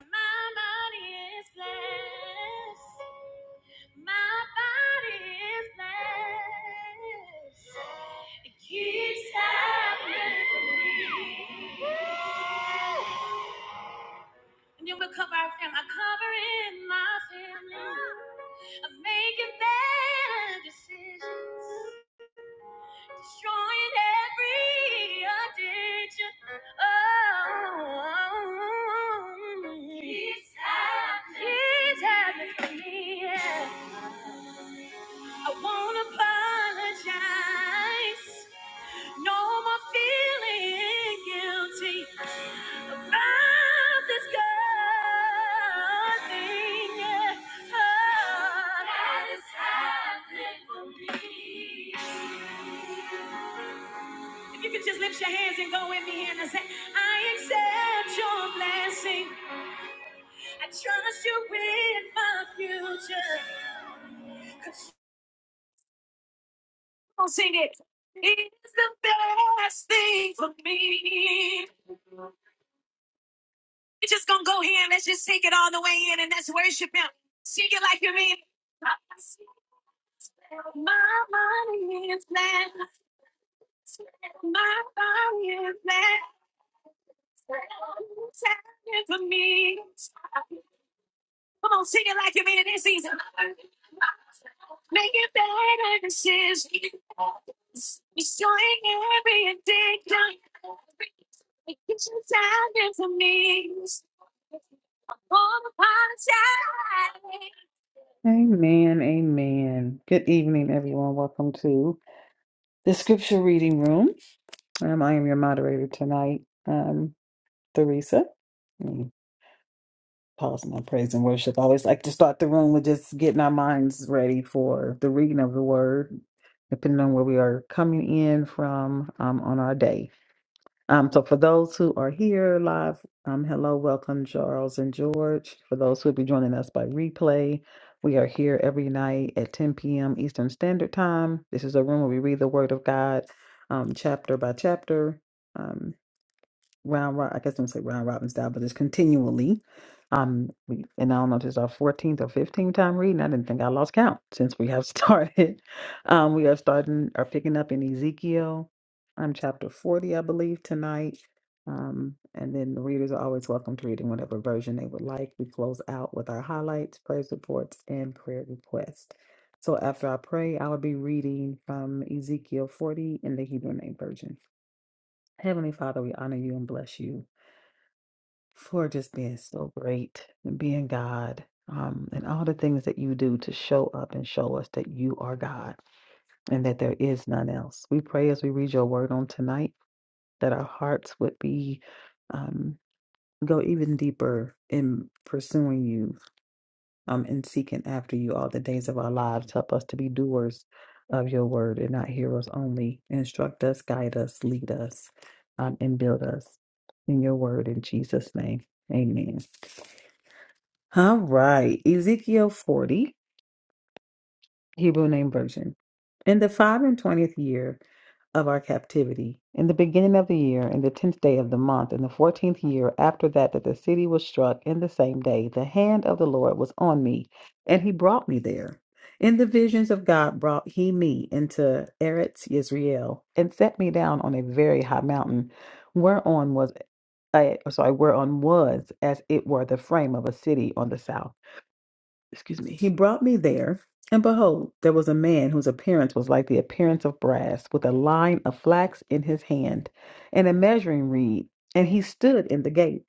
My body is blessed. My body is blessed. It keeps happening for me. And you will cover our family. I'm covering my family. I'm making bad decisions. destroying every addiction. Oh, he's happening. He's happening for me. Yeah. I won't apologize. No more feeling guilty yeah. Oh, If you could just lift your hands and go with me and say, I accept your blessing. I trust you with my future. I'll sing it. It's the best thing for me. You're just gonna go here and let's just sing it all the way in and let's worship him. Sing it like you mean. it. My body is mad. My body is mad. It's happening for me. Come on, sing it like you mean it this season. Make it better decisions. Destroying every addiction. Make it time for me. I'm on the Amen. Amen. Good evening, everyone. Welcome to the scripture reading room. Um, I am your moderator tonight, um, Theresa. Let me pause my praise and worship. I always like to start the room with just getting our minds ready for the reading of the word, depending on where we are coming in from um, on our day. Um, so for those who are here live, um, hello, welcome, Charles and George. For those who will be joining us by replay, we are here every night at 10 p.m. Eastern Standard Time. This is a room where we read the Word of God, um, chapter by chapter. Um, round robin. I guess don't say round robin style, but it's continually. Um, we, and I don't know if this is our 14th or 15th time reading. I didn't think I lost count since we have started. Um, we are starting or picking up in Ezekiel, um, chapter 40, I believe, tonight. Um, and then the readers are always welcome to read in whatever version they would like. We close out with our highlights, praise reports, and prayer requests. So after I pray, I will be reading from Ezekiel 40 in the Hebrew name version. Heavenly Father, we honor you and bless you for just being so great and being God. Um, and all the things that you do to show up and show us that you are God and that there is none else. We pray as we read your word on tonight that our hearts would be um, go even deeper in pursuing you um, and seeking after you all the days of our lives. Help us to be doers of your word and not hearers only. Instruct us, guide us, lead us, um, and build us in your word in Jesus' name. Amen. All right. Ezekiel 40, Hebrew name version. In the five and twentieth year of our captivity, in the beginning of the year, in the tenth day of the month, in the fourteenth year after that, that the city was struck in the same day, the hand of the Lord was on me, and he brought me there. In the visions of God brought he me into Eretz Yisrael, and set me down on a very high mountain, whereon was I, sorry, whereon was as it were the frame of a city on the south excuse me, he brought me there, and behold, there was a man whose appearance was like the appearance of brass, with a line of flax in his hand, and a measuring reed, and he stood in the gate.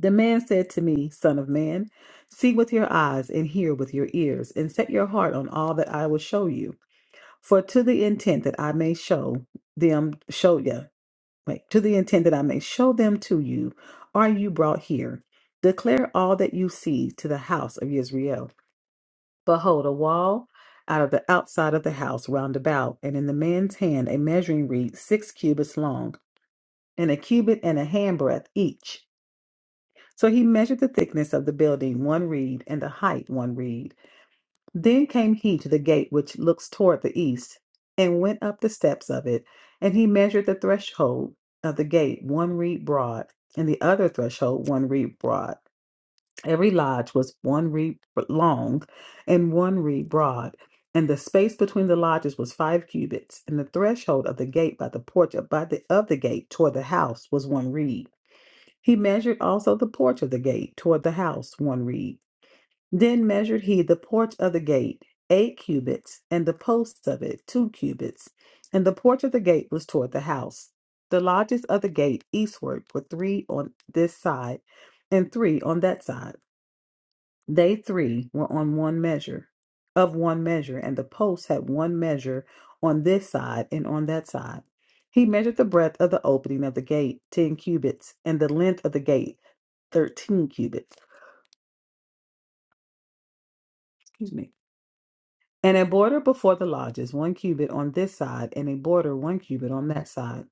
The man said to me, Son of man, see with your eyes and hear with your ears, and set your heart on all that I will show you. For to the intent that I may show them, show you, wait, to the intent that I may show them to you, are you brought here. Declare all that you see to the house of Israel. Behold, a wall out of the outside of the house round about, and in the man's hand a measuring reed six cubits long, and a cubit and a handbreadth each. So he measured the thickness of the building one reed, and the height one reed. Then came he to the gate which looks toward the east, and went up the steps of it, and he measured the threshold of the gate one reed broad, and the other threshold one reed broad. Every lodge was one reed long and one reed broad, and the space between the lodges was five cubits, and the threshold of the gate by the porch of- by the, of the gate toward the house was one reed. He measured also the porch of the gate toward the house one reed. Then measured he the porch of the gate eight cubits, and the posts of it two cubits, and the porch of the gate was toward the house. The lodges of the gate eastward were three on this side and three on that side. They three were on one measure, of one measure, and the posts had one measure on this side and on that side. He measured the breadth of the opening of the gate, ten cubits, and the length of the gate, thirteen cubits. Excuse me. And a border before the lodges, one cubit on this side, and a border one cubit on that side.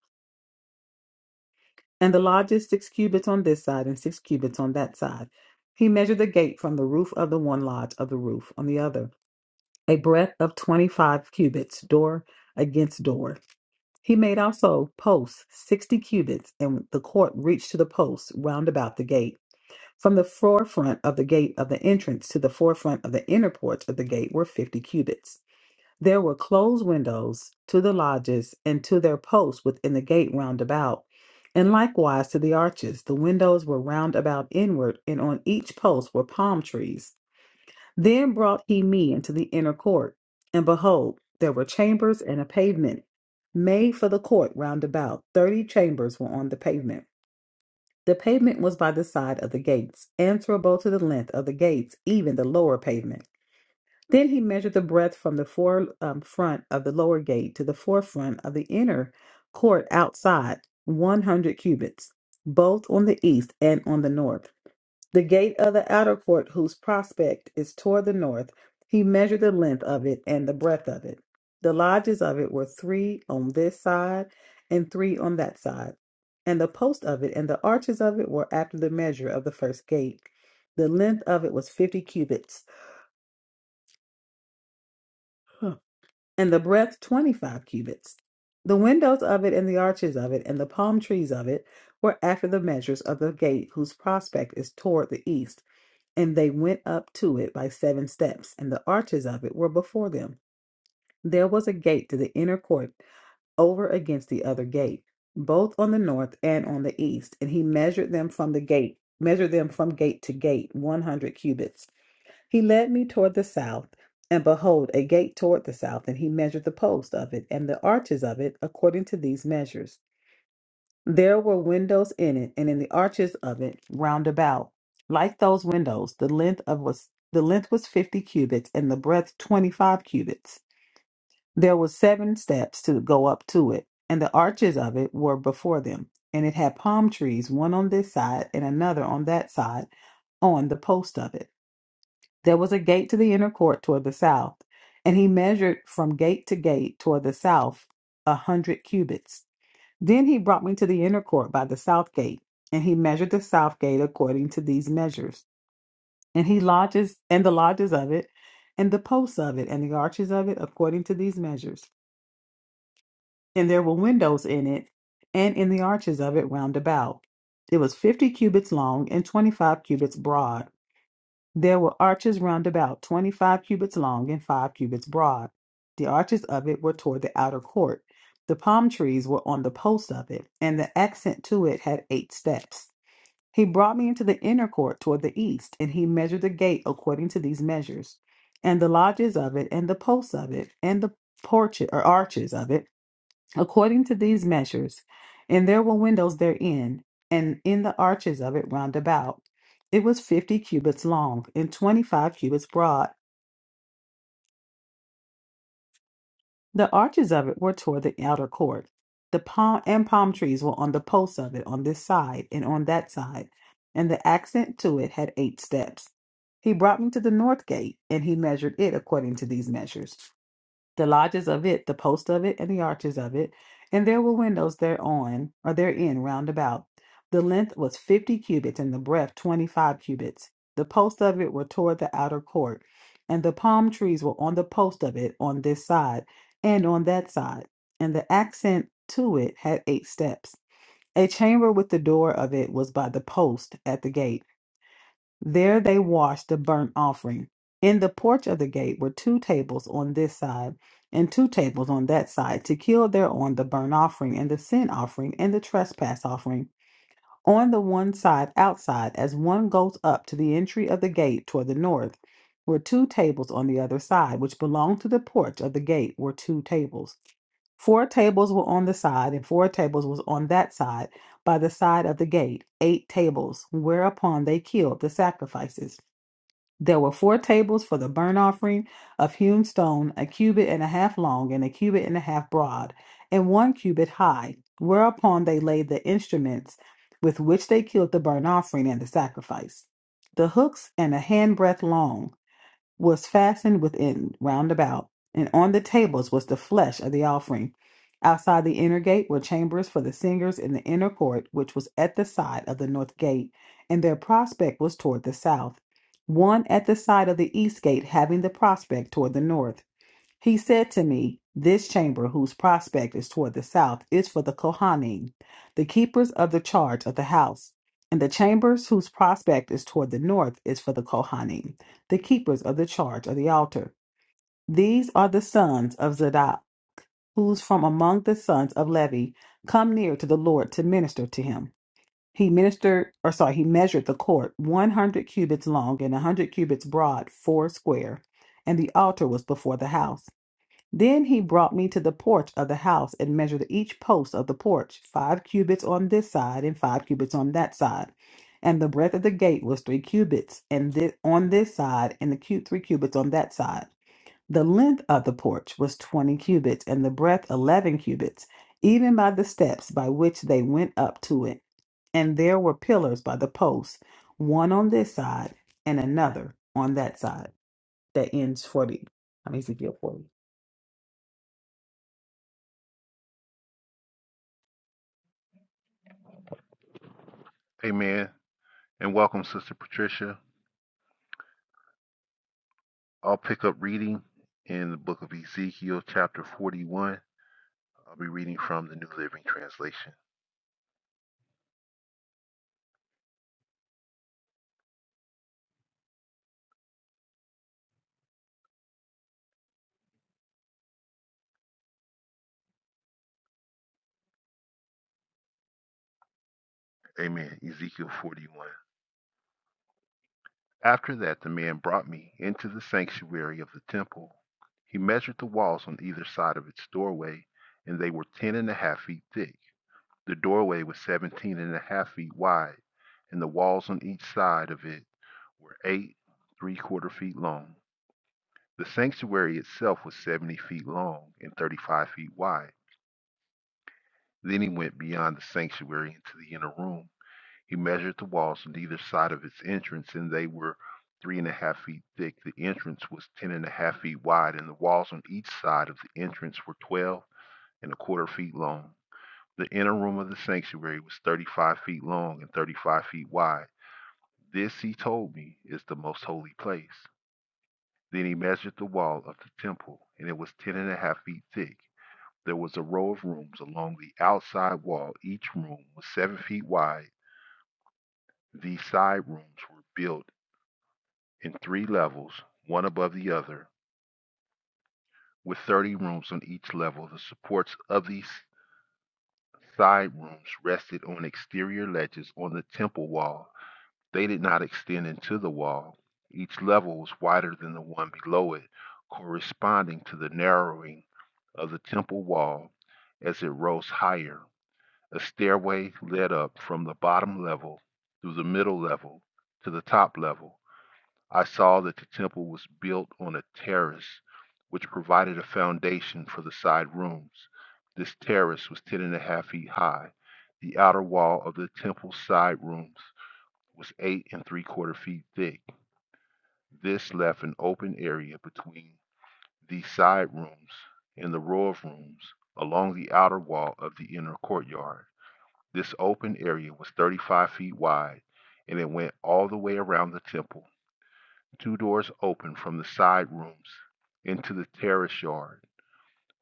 And the lodges, six cubits on this side, and six cubits on that side. He measured the gate from the roof of the one lodge of the roof on the other. a breadth of 25 cubits, door against door. He made also posts 60 cubits, and the court reached to the posts round about the gate. From the forefront of the gate of the entrance to the forefront of the inner porch of the gate were 50 cubits. There were closed windows to the lodges and to their posts within the gate round about, and likewise to the arches. The windows were round about inward, and on each post were palm trees. Then brought he me into the inner court, and behold, there were chambers and a pavement made for the court round about. Thirty chambers were on the pavement. The pavement was by the side of the gates, answerable to the length of the gates, even the lower pavement. Then he measured the breadth from the fore, um, front of the lower gate to the forefront of the inner court outside, one hundred cubits, both on the east and on the north. The gate of the outer court, whose prospect is toward the north, he measured the length of it and the breadth of it. The lodges of it were three on this side and three on that side. And the post of it and the arches of it were after the measure of the first gate. The length of it was fifty cubits, huh, and the breadth twenty five cubits. The windows of it and the arches of it and the palm trees of it were after the measures of the gate whose prospect is toward the east And they went up to it by seven steps, and the arches of it were before them. There was a gate to the inner court over against the other gate, both on the north and on the east. And he measured them from the gate, measured them from gate to gate, 100 cubits. He led me toward the south, and behold, a gate toward the south. And he measured the post of it and the arches of it according to these measures. There were windows in it, and in the arches of it round about, like those windows, the length of was the length was fifty cubits, and the breadth twenty five cubits. There were seven steps to go up to it, and the arches of it were before them, and it had palm trees, one on this side and another on that side, on the post of it. There was a gate to the inner court toward the south, and he measured from gate to gate toward the south a hundred cubits. Then he brought me to the inner court by the south gate, and he measured the south gate according to these measures. And he lodges and the lodges of it, and the posts of it, and the arches of it according to these measures. And there were windows in it, and in the arches of it round about. It was fifty cubits long and twenty five cubits broad. There were arches round about, twenty-five cubits long and five cubits broad. The arches of it were toward the outer court. The palm trees were on the posts of it, and the accent to it had eight steps. He brought me into the inner court toward the east, and he measured the gate according to these measures, and the lodges of it, and the posts of it, and the porches or arches of it, according to these measures. And there were windows therein, and in the arches of it round about. It was fifty cubits long, and twenty five cubits broad. The arches of it were toward the outer court. The palm and palm trees were on the posts of it on this side and on that side, and the accent to it had eight steps. He brought me to the north gate, and he measured it according to these measures. the lodges of it, the post of it, and the arches of it, and there were windows thereon, or therein round about. The length was fifty cubits, and the breadth twenty five cubits. The posts of it were toward the outer court, and the palm trees were on the post of it on this side and on that side, and the accent to it had eight steps. A chamber with the door of it was by the post at the gate there they washed the burnt offering. In the porch of the gate were two tables on this side and two tables on that side to kill thereon the burnt offering and the sin offering and the trespass offering. On the one side outside, as one goes up to the entry of the gate toward the north, were two tables on the other side, which belonged to the porch of the gate were two tables. Four tables were on the side, and four tables was on that side, by the side of the gate, eight tables, whereupon they killed the sacrifices. There were four tables for the burnt offering of hewn stone, a cubit and a half long, and a cubit and a half broad, and one cubit high, whereupon they laid the instruments with which they killed the burnt offering and the sacrifice. The hooks and a handbreadth long was fastened within round about, and on the tables was the flesh of the offering. Outside the inner gate were chambers for the singers in the inner court, which was at the side of the north gate, and their prospect was toward the south. One at the side of the east gate, having the prospect toward the north. He said to me, This chamber, whose prospect is toward the south, is for the Kohanim, the keepers of the charge of the house. And the chambers whose prospect is toward the north is for the Kohanim, the keepers of the charge of the altar. These are the sons of Zadok, whose from among the sons of Levi come near to the Lord to minister to him. He ministered, or sorry, he measured the court 100 cubits long and 100 cubits broad, four square, and the altar was before the house. Then he brought me to the porch of the house and measured each post of the porch, five cubits on this side and five cubits on that side. And the breadth of the gate was three cubits, and thi- on this side, and the cu- three cubits on that side. The length of the porch was twenty cubits, and the breadth eleven cubits, even by the steps by which they went up to it. And there were pillars by the posts, one on this side and another on that side. That ends forty. I mean, Ezekiel forty. Amen. And welcome, Sister Patricia. I'll pick up reading in the book of Ezekiel, chapter 41. I'll be reading from the New Living Translation. Amen. Ezekiel 41. After that, the man brought me into the sanctuary of the temple. He measured the walls on either side of its doorway, and they were ten and a half feet thick. The doorway was seventeen and a half feet wide, and the walls on each side of it were eight, three quarter feet long. The sanctuary itself was 70 feet long and 35 feet wide. Then he went beyond the sanctuary into the inner room. He measured the walls on either side of its entrance, and they were three and a half feet thick. The entrance was ten and a half feet wide, and the walls on each side of the entrance were 12 and a quarter feet long. The inner room of the sanctuary was 35 feet long and 35 feet wide. This, he told me, is the most holy place. Then he measured the wall of the temple, and it was ten and a half feet thick There was a row of rooms along the outside wall. Each room was seven feet wide. These side rooms were built in three levels, one above the other, with 30 rooms on each level. The supports of these side rooms rested on exterior ledges on the temple wall. They did not extend into the wall. Each level was wider than the one below it, corresponding to the narrowing of the temple wall as it rose higher. A stairway led up from the bottom level through the middle level to the top level. I saw that the temple was built on a terrace, which provided a foundation for the side rooms. This terrace was ten and a half feet high. The outer wall of the temple's side rooms was eight and three quarter feet thick. This left an open area between the side rooms and the row of rooms along the outer wall of the inner courtyard. This open area was 35 feet wide and it went all the way around the temple. Two doors opened from the side rooms into the terrace yard,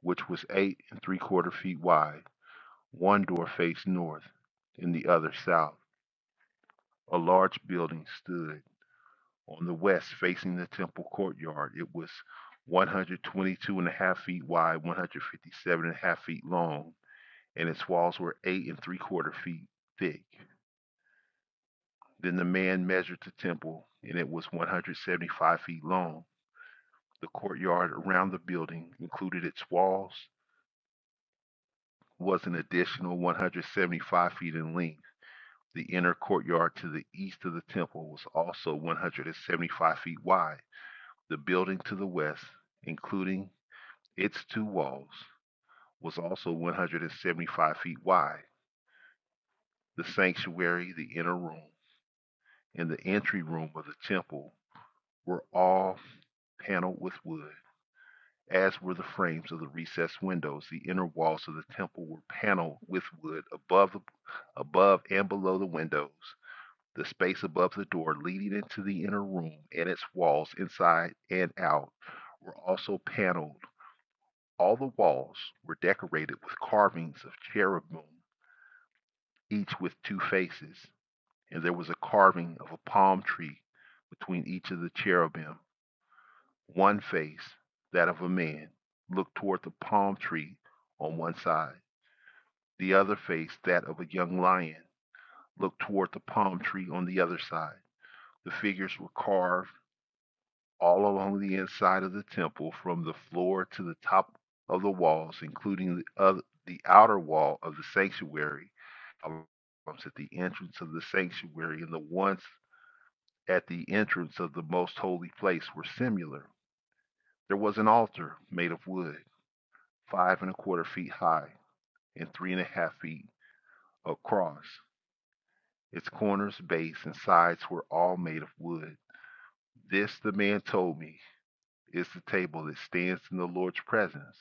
which was eight and three quarter feet wide. One door faced north and the other south. A large building stood on the west facing the temple courtyard. It was 122 and a half feet wide, 157 and a half feet long, and its walls were eight and three quarter feet thick. Then the man measured the temple, and it was 175 feet long. The courtyard around the building including its walls, was an additional 175 feet in length. The inner courtyard to the east of the temple was also 175 feet wide. The building to the west, including its two walls, was also 175 feet wide. The sanctuary, the inner room, and the entry room of the temple were all paneled with wood. as were the frames of the recessed windows. The inner walls of the temple were paneled with wood above, above and below the windows. The space above the door leading into the inner room and its walls inside and out were also paneled. All the walls were decorated with carvings of cherubim, each with two faces, and there was a carving of a palm tree between each of the cherubim. One face, that of a man, looked toward the palm tree on one side. The other face, that of a young lion, looked toward the palm tree on the other side. The figures were carved all along the inside of the temple from the floor to the top of the walls, including the, other, the outer wall of the sanctuary columns at the entrance of the sanctuary and the ones at the entrance of the most holy place were similar. There was an altar made of wood. five and a quarter feet high and three and a half feet across. Its corners, base, and sides were all made of wood. This, the man told me, is the table that stands in the Lord's presence.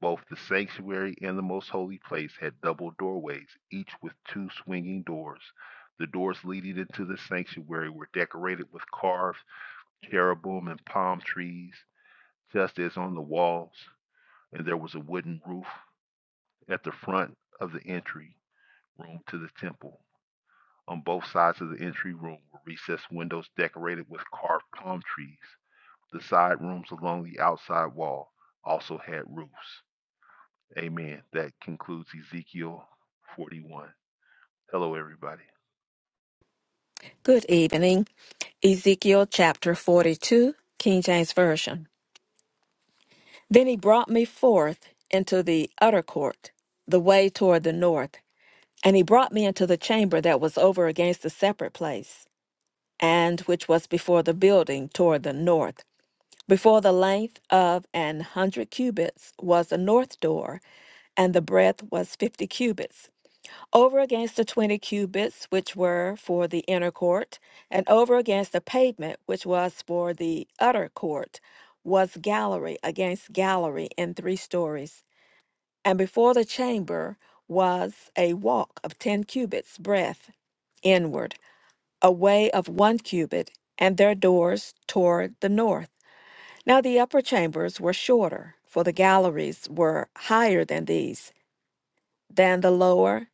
Both the sanctuary and the most holy place had double doorways, each with two swinging doors. The doors leading into the sanctuary were decorated with carved cherubim and palm trees, just as on the walls, and there was a wooden roof at the front of the entry. room to the temple. On both sides of the entry room were recessed windows decorated with carved palm trees. The side rooms along the outside wall also had roofs. Amen. That concludes Ezekiel 41. Hello, everybody. Good evening. Ezekiel chapter 42, King James Version. Then he brought me forth into the utter court, the way toward the north, and he brought me into the chamber that was over against the separate place, and which was before the building toward the north. Before the length of an hundred cubits was the north door, and the breadth was fifty cubits over against the twenty cubits which were for the inner court, and over against the pavement which was for the utter court, was gallery against gallery in three stories. And before the chamber was a walk of ten cubits breadth inward, a way of one cubit, and their doors toward the north. Now the upper chambers were shorter, for the galleries were higher than these, than the lower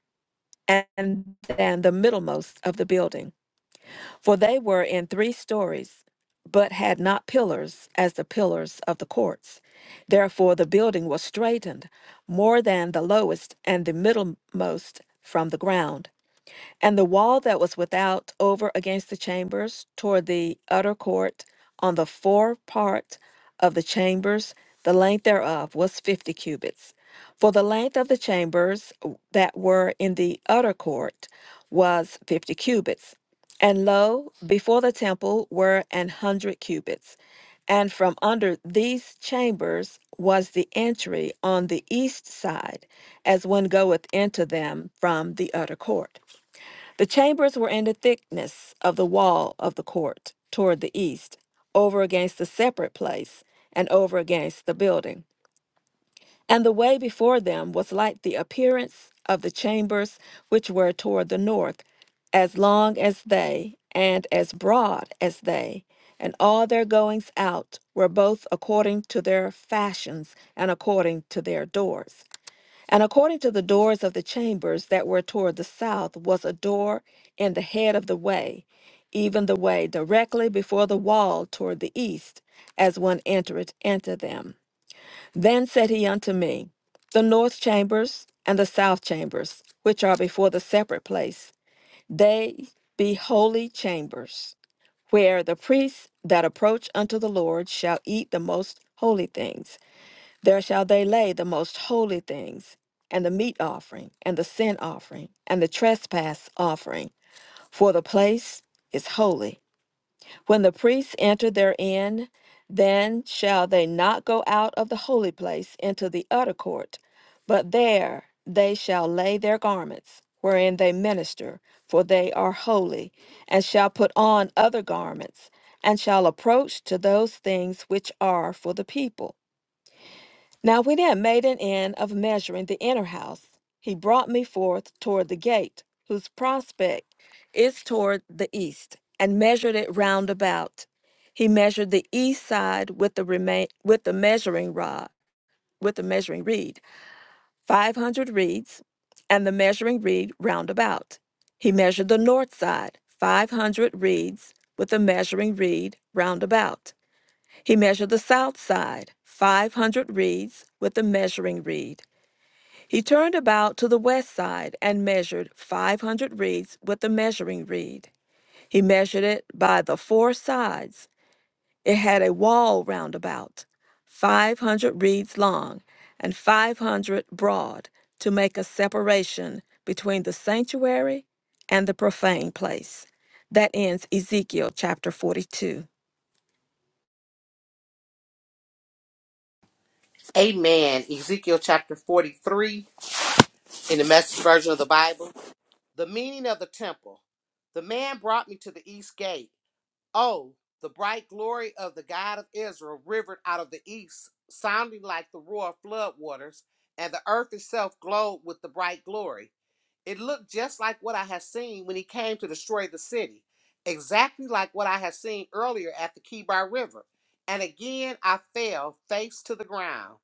and than the middlemost of the building. For they were in three stories, but had not pillars as the pillars of the courts. Therefore the building was straightened more than the lowest and the middlemost from the ground and the wall that was without over against the chambers toward the utter court on the fore part of the chambers, the length thereof was fifty cubits. For the length of the chambers uh, that were in the utter court was fifty cubits. And lo, before the temple were an hundred cubits. And from under these chambers was the entry on the east side, as one goeth into them from the utter court. The chambers were in the thickness of the wall of the court toward the east, over against the separate place, and over against the building. And the way before them was like the appearance of the chambers which were toward the north, as long as they, and as broad as they. And all their goings out were both according to their fashions and according to their doors. And according to the doors of the chambers that were toward the south was a door in the head of the way, even the way directly before the wall toward the east, as one entereth into them. Then said he unto me, The north chambers and the south chambers, which are before the separate place, they be holy chambers, where the priests that approach unto the Lord shall eat the most holy things. There shall they lay the most holy things, and the meat offering, and the sin offering, and the trespass offering, for the place is holy. When the priests enter therein, then shall they not go out of the holy place into the utter court, but there they shall lay their garments, wherein they minister, for they are holy, and shall put on other garments, and shall approach to those things which are for the people. Now, when he had made an end of measuring the inner house, he brought me forth toward the gate, whose prospect is toward the east, and measured it round about. He measured the east side with the remain with the measuring rod, with the measuring reed, five hundred reeds, and the measuring reed round about. He measured the north side, five hundred reeds, with the measuring reed round about. He measured the south side, 500 reeds, with a measuring reed. He turned about to the west side and measured 500 reeds with a measuring reed. He measured it by the four sides. It had a wall round about, 500 reeds long and 500 broad, to make a separation between the sanctuary and the profane place. That ends Ezekiel chapter 42. Amen. Ezekiel chapter 43 in the message version of the Bible. The meaning of the temple. The man brought me to the east gate. Oh, the bright glory of the God of Israel rivered out of the east, sounding like the roar of floodwaters, and the earth itself glowed with the bright glory. It looked just like what I had seen when he came to destroy the city, exactly like what I had seen earlier at the Kibar River. And again I fell face to the ground.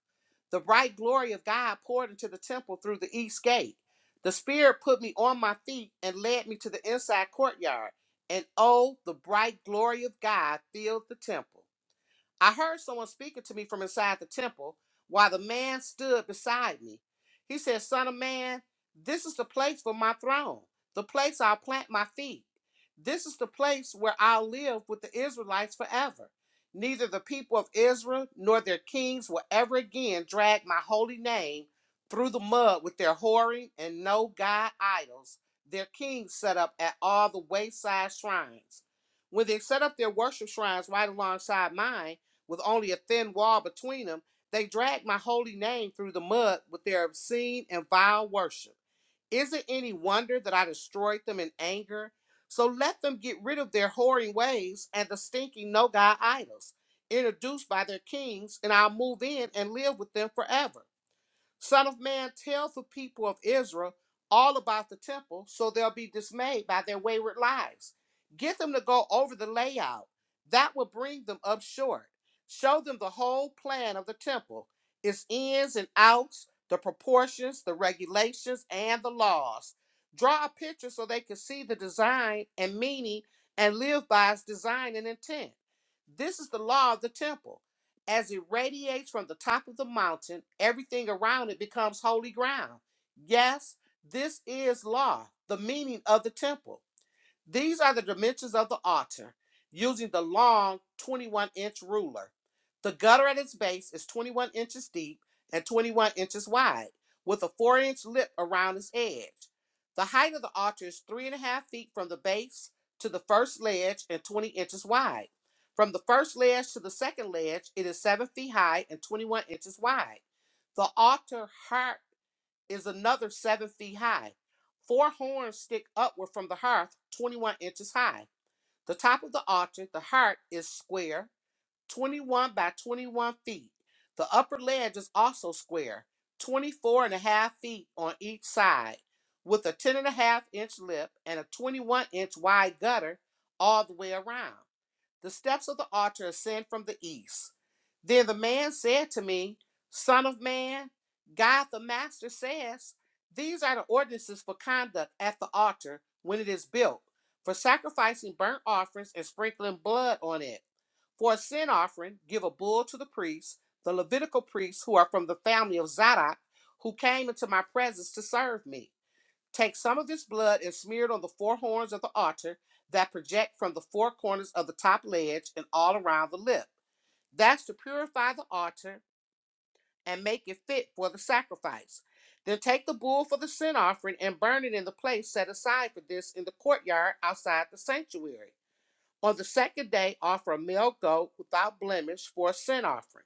The bright glory of God poured into the temple through the east gate. The Spirit put me on my feet and led me to the inside courtyard. And oh, the bright glory of God filled the temple. I heard someone speaking to me from inside the temple while the man stood beside me. He said, Son of man, this is the place for my throne, the place I'll plant my feet. This is the place where I'll live with the Israelites forever. Neither the people of Israel nor their kings will ever again drag my holy name through the mud with their whoring and no god idols their kings set up at all the wayside shrines. When they set up their worship shrines right alongside mine, with only a thin wall between them, they drag my holy name through the mud with their obscene and vile worship. Is it any wonder that I destroyed them in anger? So let them get rid of their whoring ways and the stinking no God idols, introduced by their kings, and I'll move in and live with them forever. Son of man, tell the people of Israel all about the temple, so they'll be dismayed by their wayward lives. Get them to go over the layout. That will bring them up short. Show them the whole plan of the temple, its ins and outs, the proportions, the regulations, and the laws. Draw a picture so they can see the design and meaning and live by its design and intent. This is the law of the temple. As it radiates from the top of the mountain, everything around it becomes holy ground. Yes, this is law, the meaning of the temple. These are the dimensions of the altar using the long 21 inch ruler. The gutter at its base is 21 inches deep and 21 inches wide, with a 4 inch lip around its edge. The height of the altar is 3.5 feet from the base to the first ledge and 20 inches wide. From the first ledge to the second ledge, it is 7 feet high and 21 inches wide. The altar heart is another seven feet high. Four horns stick upward from the hearth, 21 inches high. The top of the altar, the hearth, is square, 21 by 21 feet. The upper ledge is also square, 24 and a half feet on each side, with a 10 and a half inch lip and a 21 inch wide gutter all the way around. The steps of the altar ascend from the east. Then the man said to me, Son of man, God the Master says, These are the ordinances for conduct at the altar when it is built, for sacrificing burnt offerings and sprinkling blood on it. For a sin offering, give a bull to the priests, the Levitical priests who are from the family of Zadok, who came into my presence to serve me. Take some of this blood and smear it on the four horns of the altar that project from the four corners of the top ledge and all around the lip. That's to purify the altar and make it fit for the sacrifice. Then take the bull for the sin offering and burn it in the place set aside for this in the courtyard outside the sanctuary. On the second day, offer a male goat without blemish for a sin offering.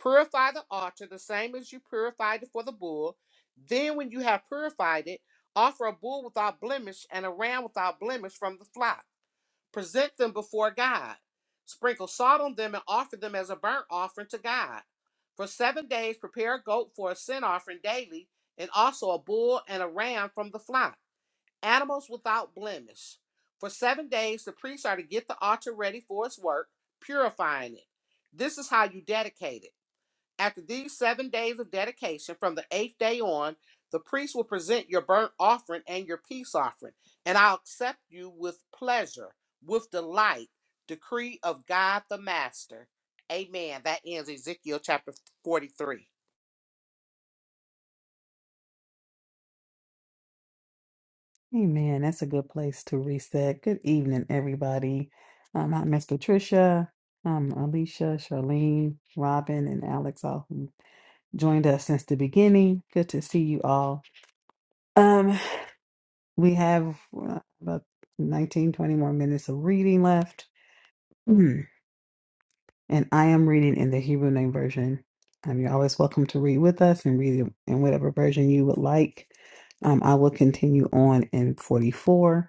Purify the altar the same as you purified it for the bull. Then, when you have purified it, offer a bull without blemish and a ram without blemish from the flock. Present them before God. Sprinkle salt on them and offer them as a burnt offering to God. For seven days, prepare a goat for a sin offering daily, and also a bull and a ram from the flock. Animals without blemish. For seven days, the priests are to get the altar ready for its work, purifying it. This is how you dedicate it. After these seven days of dedication, from the eighth day on, the priest will present your burnt offering and your peace offering, and I'll accept you with pleasure, with delight. Decree of God the Master. Amen. That ends Ezekiel chapter 43. Amen. That's a good place to reset. Good evening, everybody. Um, hi, Miss Patricia, um, Alicia, Charlene, Robin, and Alex, all who joined us since the beginning. Good to see you all. Um, we have uh, about 19, 20 more minutes of reading left. Mm. And I am reading in the Hebrew Name Version. Um, you're always welcome to read with us and read in whatever version you would like. Um, I will continue on in 44.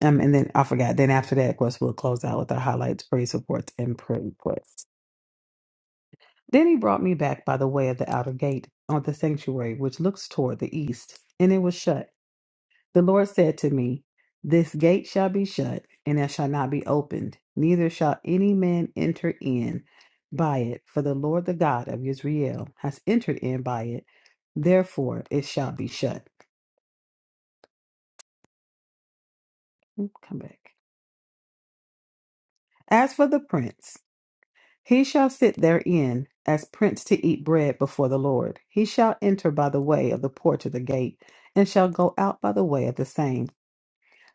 Um, and then I forgot. Then after that, of course, we'll close out with our highlights, praise reports, and prayer requests. Then he brought me back by the way of the outer gate of the sanctuary, which looks toward the east, and it was shut. The Lord said to me, This gate shall be shut, and it shall not be opened, neither shall any man enter in by it, for the Lord the God of Israel has entered in by it. Therefore it shall be shut. Come back. As for the prince, He shall sit therein as prince to eat bread before the Lord. He shall enter by the way of the porch of the gate, and shall go out by the way of the same.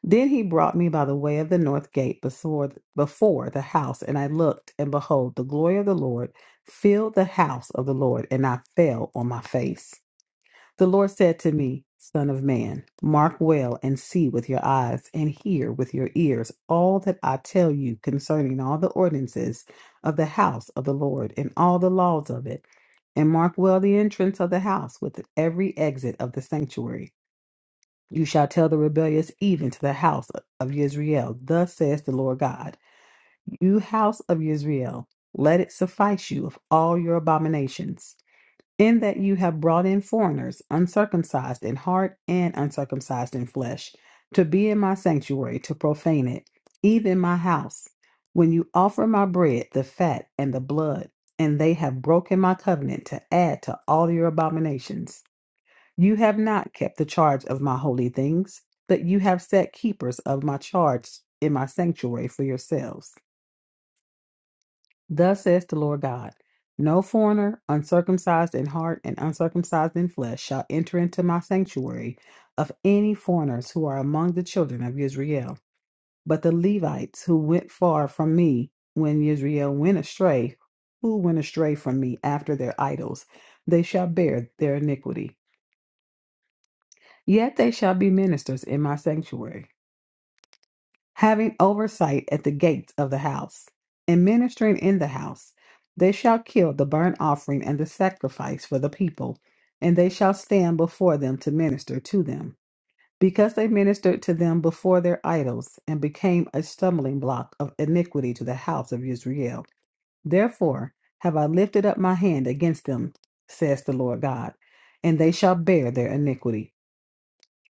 Then he brought me by the way of the north gate before, before the house, and I looked, and behold, the glory of the Lord filled the house of the Lord, and I fell on my face. The Lord said to me, Son of man, mark well and see with your eyes and hear with your ears all that I tell you concerning all the ordinances of the house of the Lord and all the laws of it. And mark well the entrance of the house with every exit of the sanctuary. You shall tell the rebellious even to the house of Israel. Thus says the Lord God, You house of Israel, let it suffice you of all your abominations in that you have brought in foreigners, uncircumcised in heart and uncircumcised in flesh, to be in my sanctuary, to profane it, even my house. When you offer my bread, the fat, and the blood, and they have broken my covenant to add to all your abominations. You have not kept the charge of my holy things, but you have set keepers of my charge in my sanctuary for yourselves. Thus says the Lord God No foreigner, uncircumcised in heart and uncircumcised in flesh, shall enter into my sanctuary of any foreigners who are among the children of Israel. But the Levites who went far from me when Israel went astray, who went astray from me after their idols, they shall bear their iniquity. Yet they shall be ministers in my sanctuary. having oversight at the gates of the house, and ministering in the house. They shall kill the burnt offering and the sacrifice for the people, and they shall stand before them to minister to them. Because they ministered to them before their idols, and became a stumbling block of iniquity to the house of Israel. Therefore have I lifted up my hand against them, says the Lord God, and they shall bear their iniquity.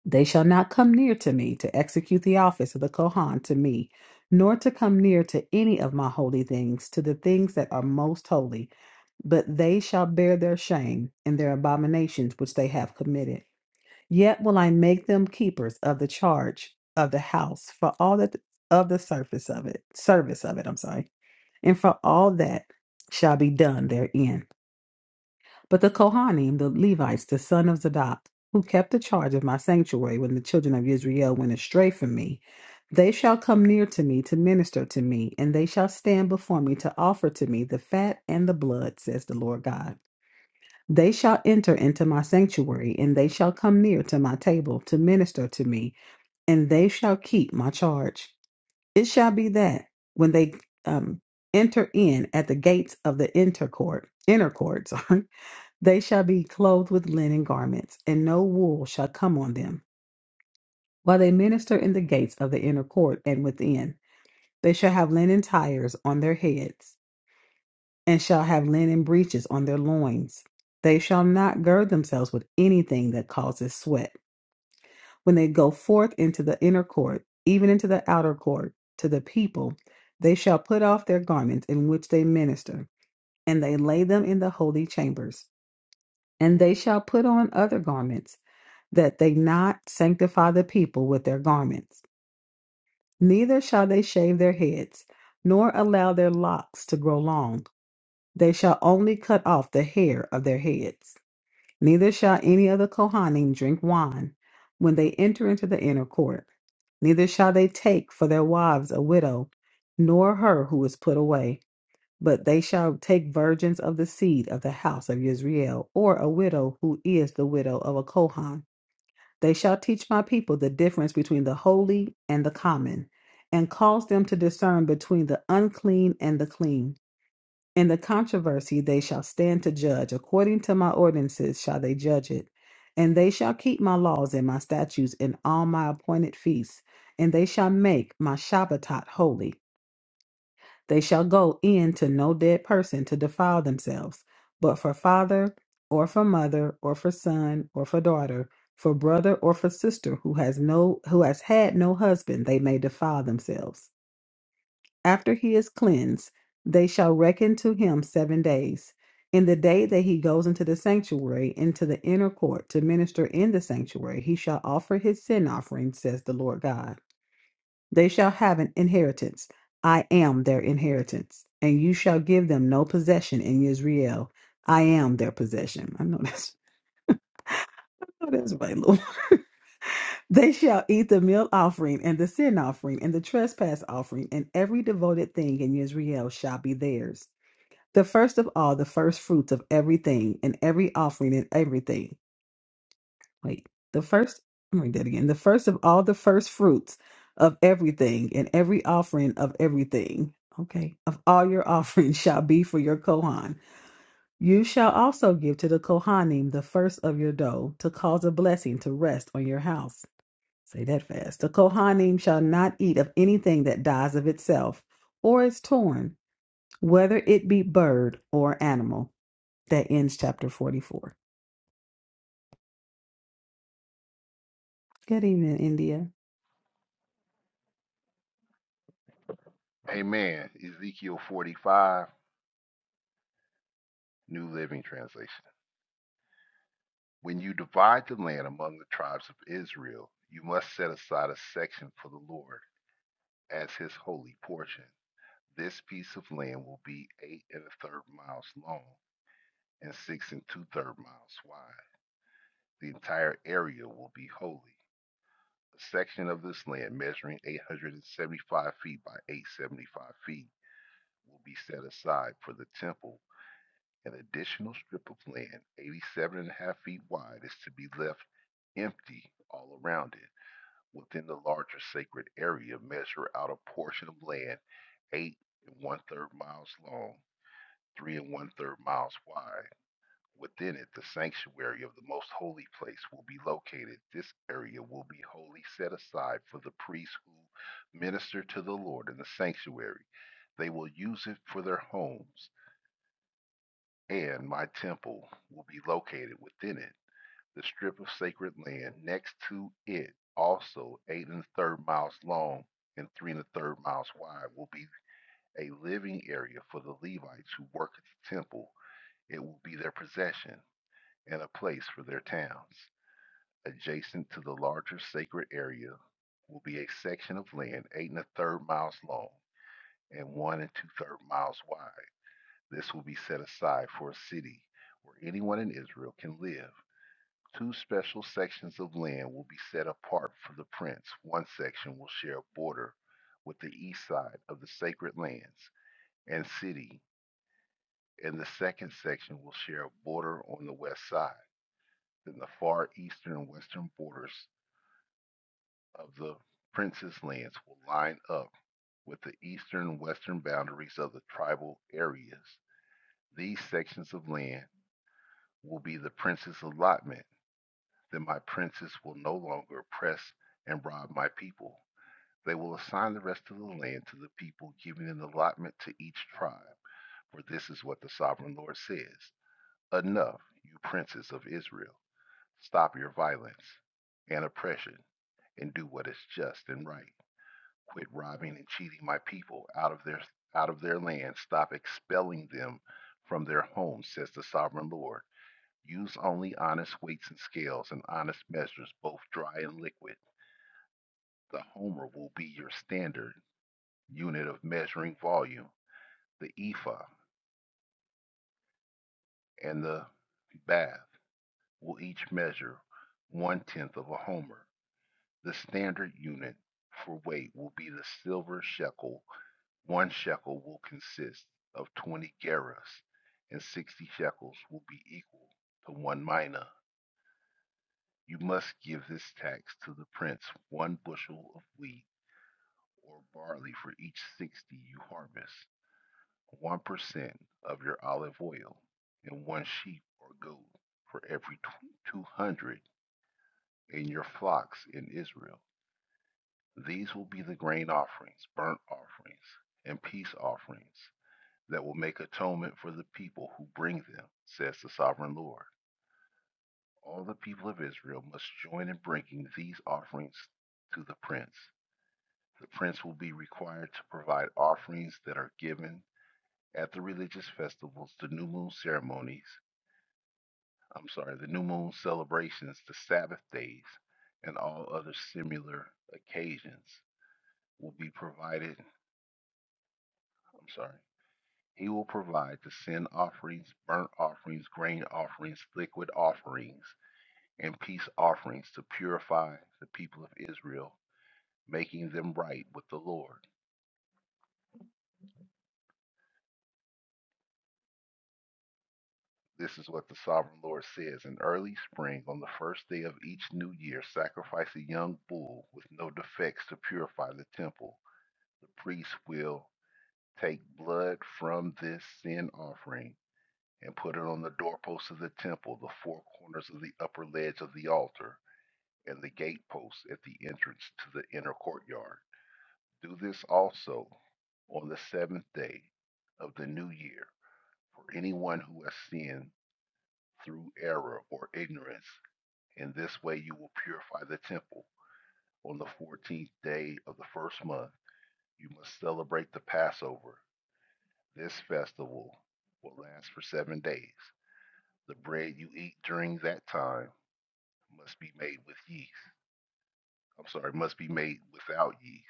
They shall not come near to me to execute the office of the Kohan to me, nor to come near to any of my holy things, to the things that are most holy, but they shall bear their shame and their abominations which they have committed. Yet will I make them keepers of the charge of the house for all that of the surface of it, service of it, I'm sorry, and for all that shall be done therein. But the Kohanim, the Levites, the son of Zadok, who kept the charge of my sanctuary when the children of Israel went astray from me, they shall come near to me to minister to me, and they shall stand before me to offer to me the fat and the blood, says the Lord God. They shall enter into my sanctuary, and they shall come near to my table to minister to me, and they shall keep my charge. It shall be that when they um, enter in at the gates of the intercourt, inner court, inner courts, They shall be clothed with linen garments, and no wool shall come on them. While they minister in the gates of the inner court and within, they shall have linen tires on their heads, and shall have linen breeches on their loins. They shall not gird themselves with anything that causes sweat. When they go forth into the inner court, even into the outer court, to the people, they shall put off their garments in which they minister, and they lay them in the holy chambers. And they shall put on other garments that they not sanctify the people with their garments, neither shall they shave their heads, nor allow their locks to grow long. They shall only cut off the hair of their heads. Neither shall any of the Kohanim drink wine when they enter into the inner court. Neither shall they take for their wives a widow, nor her who is put away, but they shall take virgins of the seed of the house of Israel, or a widow who is the widow of a Kohan they shall teach my people the difference between the holy and the common, and cause them to discern between the unclean and the clean. In the controversy they shall stand to judge. According to my ordinances shall they judge it. And they shall keep my laws and my statutes in all my appointed feasts, and they shall make my Shabbatot holy. They shall go in to no dead person to defile themselves, but for father, or for mother, or for son, or for daughter, for brother or for sister who has no who has had no husband, they may defile themselves. After he is cleansed, they shall reckon to him seven days. In the day that he goes into the sanctuary, into the inner court to minister in the sanctuary, he shall offer his sin offering, says the Lord God. They shall have an inheritance. I am their inheritance. And you shall give them no possession in Israel. I am their possession. I know that's, I know that's right, Lord. They shall eat the meal offering and the sin offering and the trespass offering, and every devoted thing in Israel shall be theirs. The first of all, the first fruits of everything, and every offering and everything. Wait, the first, let me read that again. The first of all the first fruits of everything and every offering of everything, okay, of all your offerings shall be for your Kohan. You shall also give to the Kohanim the first of your dough to cause a blessing to rest on your house. Say that fast. The Kohanim shall not eat of anything that dies of itself or is torn, whether it be bird or animal. That ends chapter 44. Good evening, India. Amen. Ezekiel 45, New Living Translation. When you divide the land among the tribes of Israel, you must set aside a section for the Lord as his holy portion. This piece of land will be eight and a third miles long and six and two third miles wide. The entire area will be holy. A section of this land measuring 875 feet by 875 feet will be set aside for the temple. An additional strip of land, 87 and a half feet wide, is to be left empty all around it. Within the larger sacred area, measure out a portion of land eight and one third miles long, three and one third miles wide, Within it, the sanctuary of the most holy place will be located. This area will be wholly set aside for the priests who minister to the Lord in the sanctuary. They will use it for their homes, and my temple will be located within it. The strip of sacred land next to it, also eight and a third miles long and three and a third miles wide, will be a living area for the Levites who work at the temple. It will be their possession and a place for their towns. Adjacent to the larger sacred area will be a section of land eight and a third miles long and one and two third miles wide. This will be set aside for a city where anyone in Israel can live. Two special sections of land will be set apart for the prince. One section will share a border with the east side of the sacred lands and city, and the second section will share a border on the west side. Then the far eastern and western borders of the prince's lands will line up with the eastern and western boundaries of the tribal areas. These sections of land will be the prince's allotment. Then my princes will no longer oppress and rob my people. They will assign the rest of the land to the people, giving an allotment to each tribe. For this is what the sovereign Lord says Enough, you princes of Israel. Stop your violence and oppression and do what is just and right. Quit robbing and cheating my people out of their out of their land. Stop expelling them from their homes, says the sovereign Lord. Use only honest weights and scales and honest measures, both dry and liquid. The homer will be your standard unit of measuring volume. The ephah and the bath will each measure one tenth of a homer. The standard unit for weight will be the silver shekel One shekel will consist of 20 gerahs, and 60 shekels will be equal to one mina. You must give this tax to the prince one bushel of wheat or barley for each 60 you harvest, 1% of your olive oil, and one sheep or goat for every 200 in your flocks in Israel. These will be the grain offerings, burnt offerings, and peace offerings. that will make atonement for the people who bring them, says the sovereign Lord. All the people of Israel must join in bringing these offerings to the prince. The prince will be required to provide offerings that are given at the religious festivals, the new moon ceremonies, I'm sorry, the new moon celebrations, the Sabbath days, and all other similar occasions will be provided. I'm sorry. He will provide the sin offerings, burnt offerings, grain offerings, liquid offerings, and peace offerings to purify the people of Israel, making them right with the Lord. This is what the sovereign Lord says. In early spring, on the first day of each new year, sacrifice a young bull with no defects to purify the temple. The priest will take blood from this sin offering and put it on the doorposts of the temple, the four corners of the upper ledge of the altar, and the gateposts at the entrance to the inner courtyard. Do this also on the seventh day of the new year. For anyone who has sinned through error or ignorance, in this way you will purify the temple. On the fourteenth day of the first month, you must celebrate the Passover. This festival will last for seven days. The bread you eat during that time must be made with yeast. I'm sorry, must be made without yeast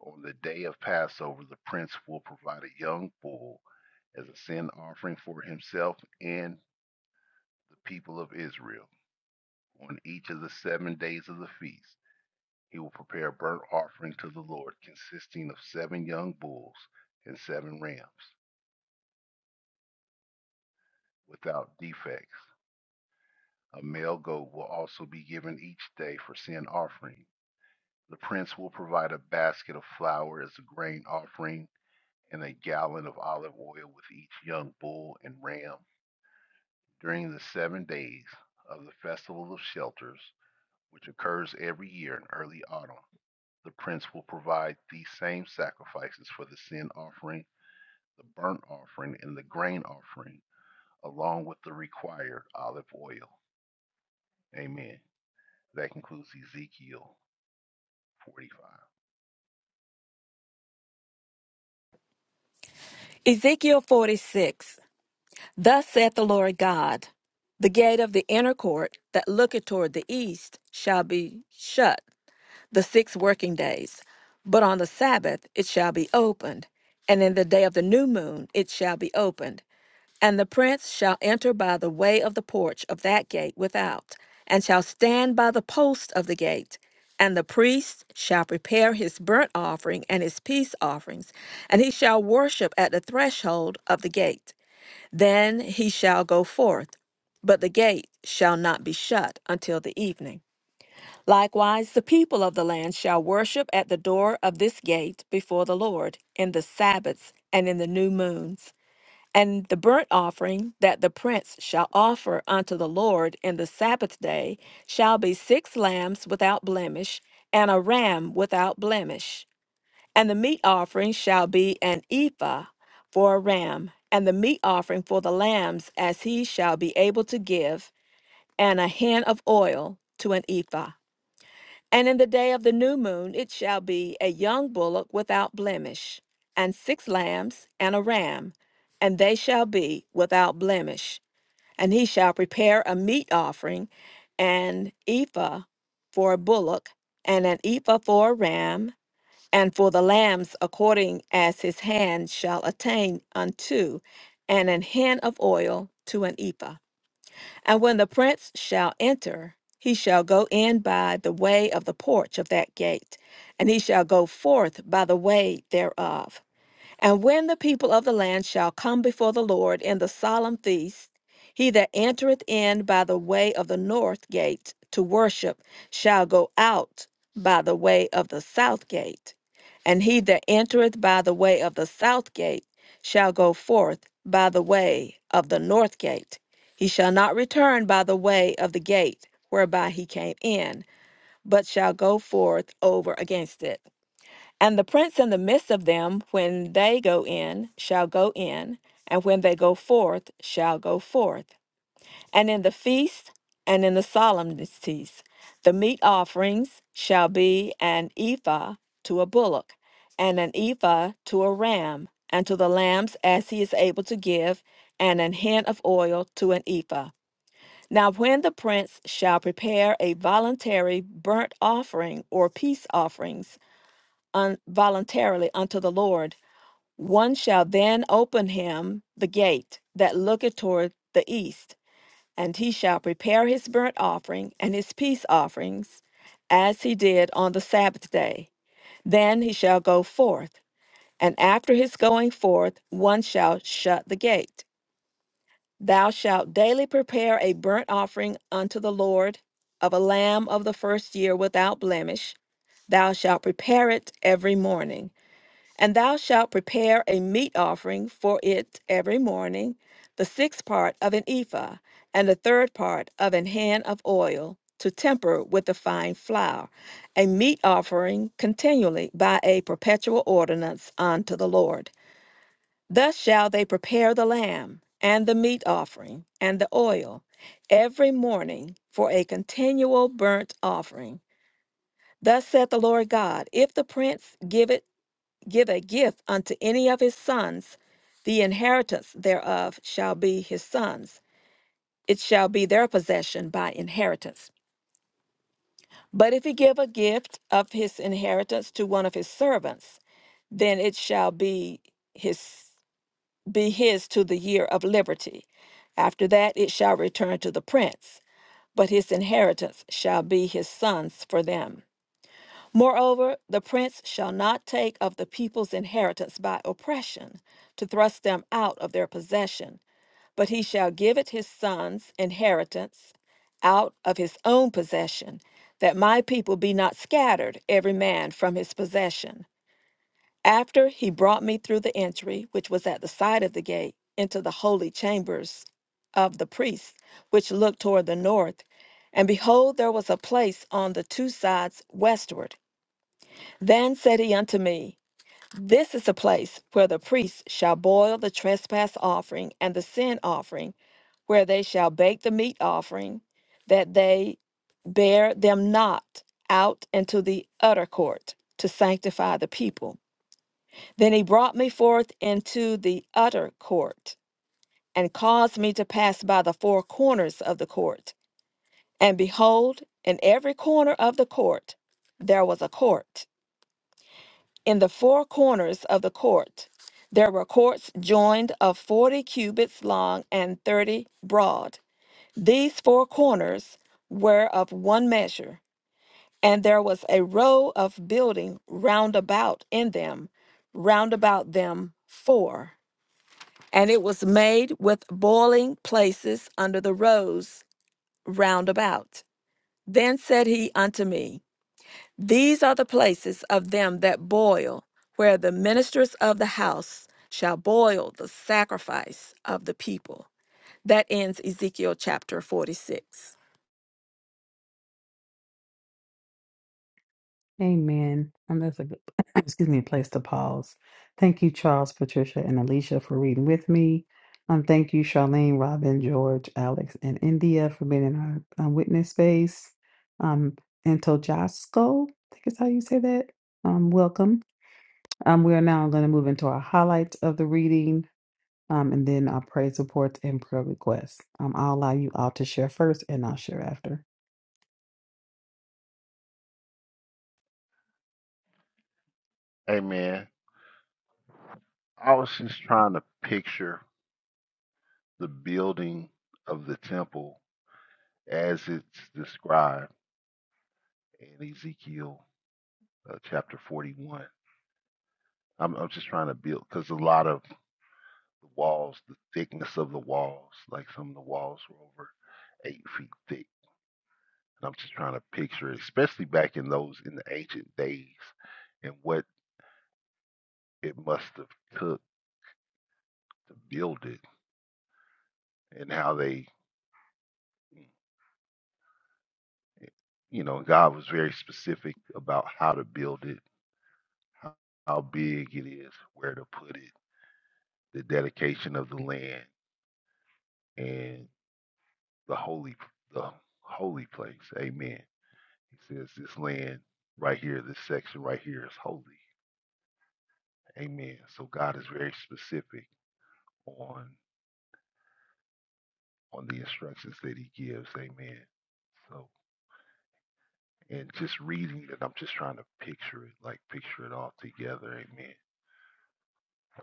On the day of Passover, the prince will provide a young bull as a sin offering for himself and the people of Israel. On each of the seven days of the feast, he will prepare a burnt offering to the Lord consisting of seven young bulls and seven rams without defects. A male goat will also be given each day for sin offering. The prince will provide a basket of flour as a grain offering and a gallon of olive oil with each young bull and ram During the seven days of the Festival of Shelters, which occurs every year in early autumn, the prince will provide these same sacrifices for the sin offering, the burnt offering, and the grain offering, along with the required olive oil. Amen. That concludes Ezekiel 45. Ezekiel 46. Thus saith the Lord God The gate of the inner court that looketh toward the east shall be shut the six working days, but on the Sabbath it shall be opened, and in the day of the new moon it shall be opened. And the prince shall enter by the way of the porch of that gate without, and shall stand by the post of the gate. And the priest shall prepare his burnt offering and his peace offerings, and he shall worship at the threshold of the gate. Then he shall go forth, but the gate shall not be shut until the evening. Likewise, the people of the land shall worship at the door of this gate before the Lord in the Sabbaths and in the new moons. And the burnt offering that the prince shall offer unto the Lord in the Sabbath day shall be six lambs without blemish, and a ram without blemish. And the meat offering shall be an ephah for a ram, and the meat offering for the lambs as he shall be able to give, and a hin of oil to an ephah. And in the day of the new moon it shall be a young bullock without blemish, and six lambs and a ram, and they shall be without blemish. And he shall prepare a meat offering, an ephah for a bullock, and an ephah for a ram, and for the lambs according as his hand shall attain unto, and an hin of oil to an ephah. And when the prince shall enter, he shall go in by the way of the porch of that gate, and he shall go forth by the way thereof. And when the people of the land shall come before the Lord in the solemn feast, he that entereth in by the way of the north gate to worship shall go out by the way of the south gate. And he that entereth by the way of the south gate shall go forth by the way of the north gate. He shall not return by the way of the gate whereby he came in, but shall go forth over against it. And the prince in the midst of them, when they go in, shall go in, and when they go forth, shall go forth. And in the feast and in the solemnities, the meat offerings shall be an ephah to a bullock, and an ephah to a ram, and to the lambs as he is able to give, and an hin of oil to an ephah. Now, when the prince shall prepare a voluntary burnt offering or peace offerings, un- voluntarily unto the Lord, one shall then open him the gate that looketh toward the east, and he shall prepare his burnt offering and his peace offerings, as he did on the Sabbath day. Then he shall go forth, and after his going forth, one shall shut the gate. Thou shalt daily prepare a burnt offering unto the Lord of a lamb of the first year without blemish. Thou shalt prepare it every morning. And thou shalt prepare a meat offering for it every morning, the sixth part of an ephah, and the third part of an hand of oil, to temper with the fine flour, a meat offering continually by a perpetual ordinance unto the Lord. Thus shall they prepare the lamb, and the meat offering, and the oil, every morning for a continual burnt offering. Thus saith the Lord God, if the prince give it give a gift unto any of his sons, the inheritance thereof shall be his sons. It shall be their possession by inheritance. But if he give a gift of his inheritance to one of his servants, then it shall be his be his to the year of liberty. After that it shall return to the prince, but his inheritance shall be his sons for them. Moreover, the prince shall not take of the people's inheritance by oppression to thrust them out of their possession, but he shall give it his son's inheritance out of his own possession, that my people be not scattered every man from his possession. After he brought me through the entry, which was at the side of the gate, into the holy chambers of the priests, which looked toward the north, and behold, there was a place on the two sides westward. Then said he unto me, This is the place where the priests shall boil the trespass offering and the sin offering, where they shall bake the meat offering, that they bear them not out into the utter court to sanctify the people. Then he brought me forth into the utter court, and caused me to pass by the four corners of the court. And behold, in every corner of the court there was a court In the four corners of the court there were courts joined of forty cubits long and thirty broad. These four corners were of one measure, and there was a row of building round about in them, round about them four. And it was made with boiling places under the rows round about. Then said he unto me, these are the places of them that boil, where the ministers of the house shall boil the sacrifice of the people. That ends Ezekiel chapter 46. Amen. And that's a good, excuse me, place to pause. Thank you, Charles, Patricia, and Alicia for reading with me. Um, thank you, Charlene, Robin, George, Alex, and India for being in our um, witness space. Um, and Tojasco, I think is how you say that. Um, welcome. Um, we are now going to move into our highlights of the reading. Um, and then our praise reports and prayer requests. Um, I'll allow you all to share first and I'll share after. Amen. I was just trying to picture the building of the temple as it's described in Ezekiel uh, chapter 41. I'm, I'm just trying to build because a lot of the walls, the thickness of the walls, like some of the walls were over eight feet thick. And I'm just trying to picture, it, especially back in those in the ancient days, and what it must have took to build it, and how they, mm, eh, you know, God was very specific about how to build it, how, how big it is, where to put it, the dedication of the land, and the holy, the holy place. Amen. He says, This land right here, this section right here is holy. Amen. So God is very specific on on the instructions that he gives. Amen. So and just reading it, I'm just trying to picture it, like picture it all together. Amen.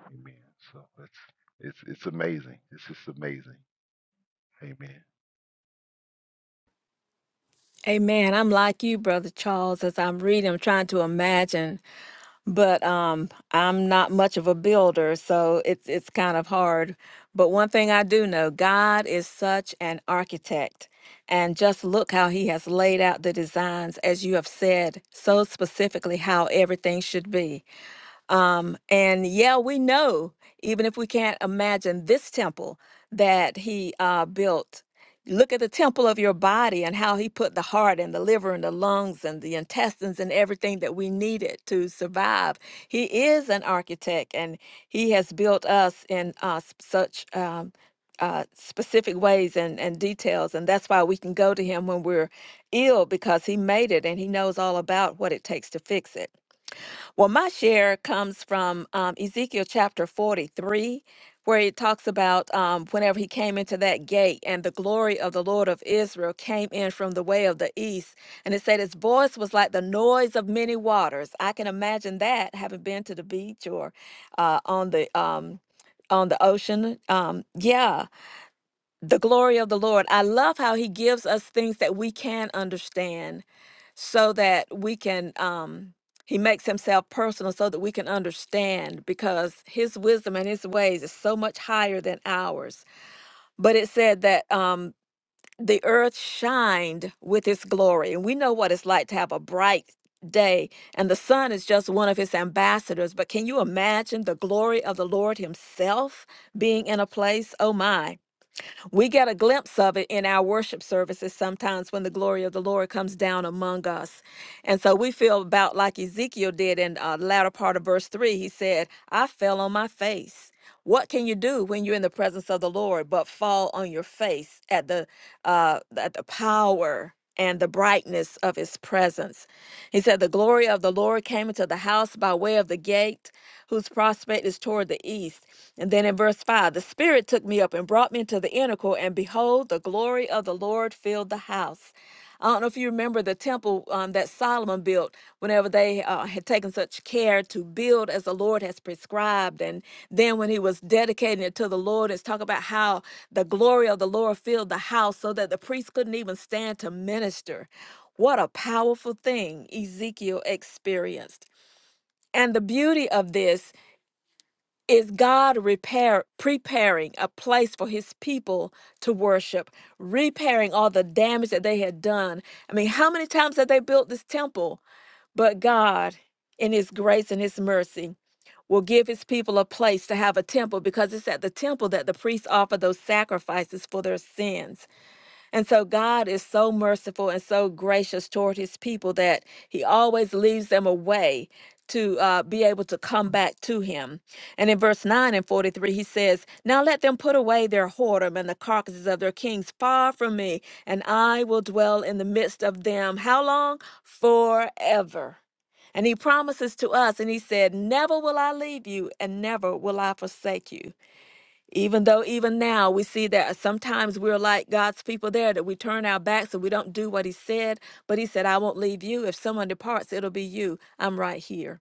Amen. So it's it's it's amazing. It's just amazing. Amen. Amen. I'm like you, Brother Charles, as I'm reading, I'm trying to imagine but um I'm not much of a builder, so it's it's kind of hard. But one thing I do know, God is such an architect. And just look how he has laid out the designs, as you have said, so specifically how everything should be. Um, and yeah, we know, even if we can't imagine this temple that he uh, built, look at the temple of your body and how he put the heart and the liver and the lungs and the intestines and everything that we needed to survive. He is an architect and he has built us in uh, s- such. Um, uh, specific ways and, and details. And that's why we can go to him when we're ill because he made it and he knows all about what it takes to fix it. Well, my share comes from um, Ezekiel chapter 43, where it talks about um, whenever he came into that gate, and the glory of the Lord of Israel came in from the way of the east. And it said, His voice was like the noise of many waters. I can imagine that, having been to the beach or uh, on the. Um, on the ocean. Um, yeah, the glory of the Lord. I love how he gives us things that we can understand so that we can um he makes himself personal so that we can understand because his wisdom and his ways is so much higher than ours but it said that um the earth shined with his glory and we know what it's like to have a bright day and the sun is just one of his ambassadors but can you imagine the glory of the lord himself being in a place oh my we get a glimpse of it in our worship services sometimes when the glory of the Lord comes down among us. And so we feel about like Ezekiel did in uh, the latter part of verse 3. He said, I fell on my face. What can you do when you're in the presence of the Lord but fall on your face at the uh, at the power and the brightness of His presence? He said, The glory of the Lord came into the house by way of the gate, whose prospect is toward the east. And then in verse 5, the Spirit took me up and brought me into the inner court, and behold, the glory of the Lord filled the house. I don't know if you remember the temple um, that Solomon built whenever they uh, had taken such care to build as the Lord has prescribed. And then when he was dedicating it to the Lord, it's talk about how the glory of the Lord filled the house so that the priests couldn't even stand to minister. What a powerful thing Ezekiel experienced. And the beauty of this is God repair, preparing a place for his people to worship, repairing all the damage that they had done. I mean, how many times have they built this temple? But God, in his grace and his mercy, will give his people a place to have a temple because it's at the temple that the priests offer those sacrifices for their sins. And so God is so merciful and so gracious toward his people that he always leaves them a way to uh, be able to come back to him. And in verse 9 and 43, he says, Now let them put away their whoredom and the carcasses of their kings far from me, and I will dwell in the midst of them. How long? Forever. And he promises to us, and he said, Never will I leave you, and never will I forsake you. Even though even now we see that sometimes we're like God's people there that we turn our backs and we don't do what he said, but he said, I won't leave you. If someone departs, it'll be you. I'm right here.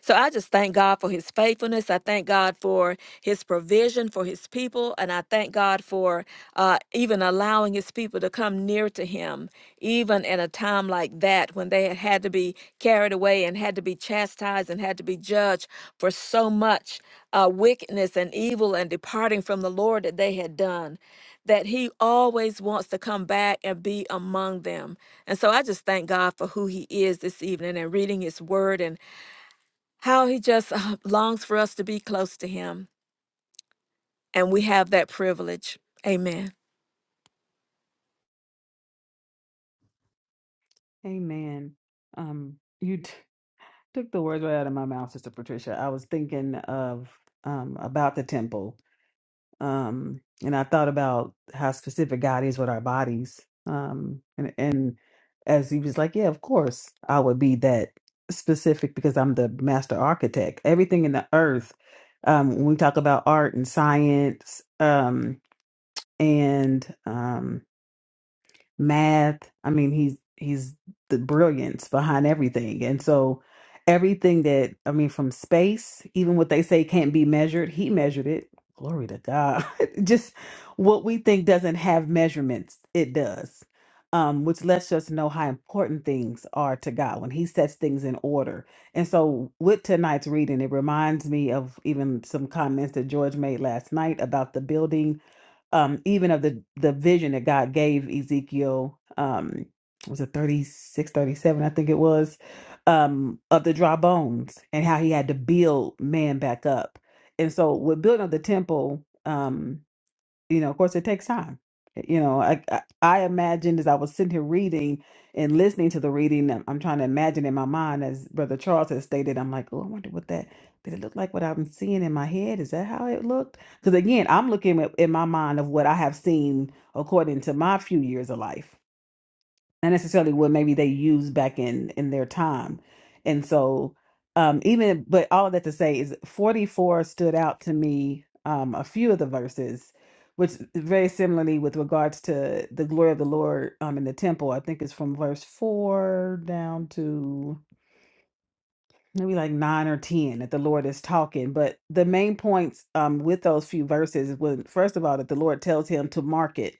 So I just thank God for his faithfulness. I thank God for his provision for his people. And I thank God for uh, even allowing his people to come near to him, even in a time like that when they had had to be carried away and had to be chastised and had to be judged for so much uh, wickedness and evil and departing from the Lord that they had done. That he always wants to come back and be among them. And so I just thank God for who he is this evening and reading his word and. How he just uh, longs for us to be close to him. And we have that privilege. Amen. Amen. Um, you t- took the words right out of my mouth, Sister Patricia. I was thinking of um, about the temple um and i thought about how specific god is with our bodies um and and as he was like yeah of course i would be that specific because i'm the master architect everything in the earth um when we talk about art and science um and um, math. I mean, he's he's the brilliance behind everything. And so everything that I mean from space, even what they say can't be measured, he measured it. Glory to God. Just what we think doesn't have measurements, it does. Um, which lets us know how important things are to God when He sets things in order. And so, with tonight's reading, it reminds me of even some comments that George made last night about the building um, even of the the vision that God gave Ezekiel, um, was it 36 37 I think it was, um, of the dry bones and how he had to build man back up. And so with building of the temple, um, you know, of course, it takes time. Eh, You know, I, I I imagined as I was sitting here reading and listening to the reading, I'm, I'm trying to imagine in my mind, as Brother Charles has stated, I'm like, oh, I wonder what that did it look like? What I'm seeing in my head is that how it looked? Because again, I'm looking at, in my mind of what I have seen according to my few years of life not necessarily what maybe they used back in in their time and so um even but all of that to say is 44 stood out to me um a few of the verses which very similarly with regards to the glory of the lord um in the temple i think it's from verse 4 down to maybe like 9 or 10 that the lord is talking but the main points um with those few verses was first of all that the lord tells him to mark it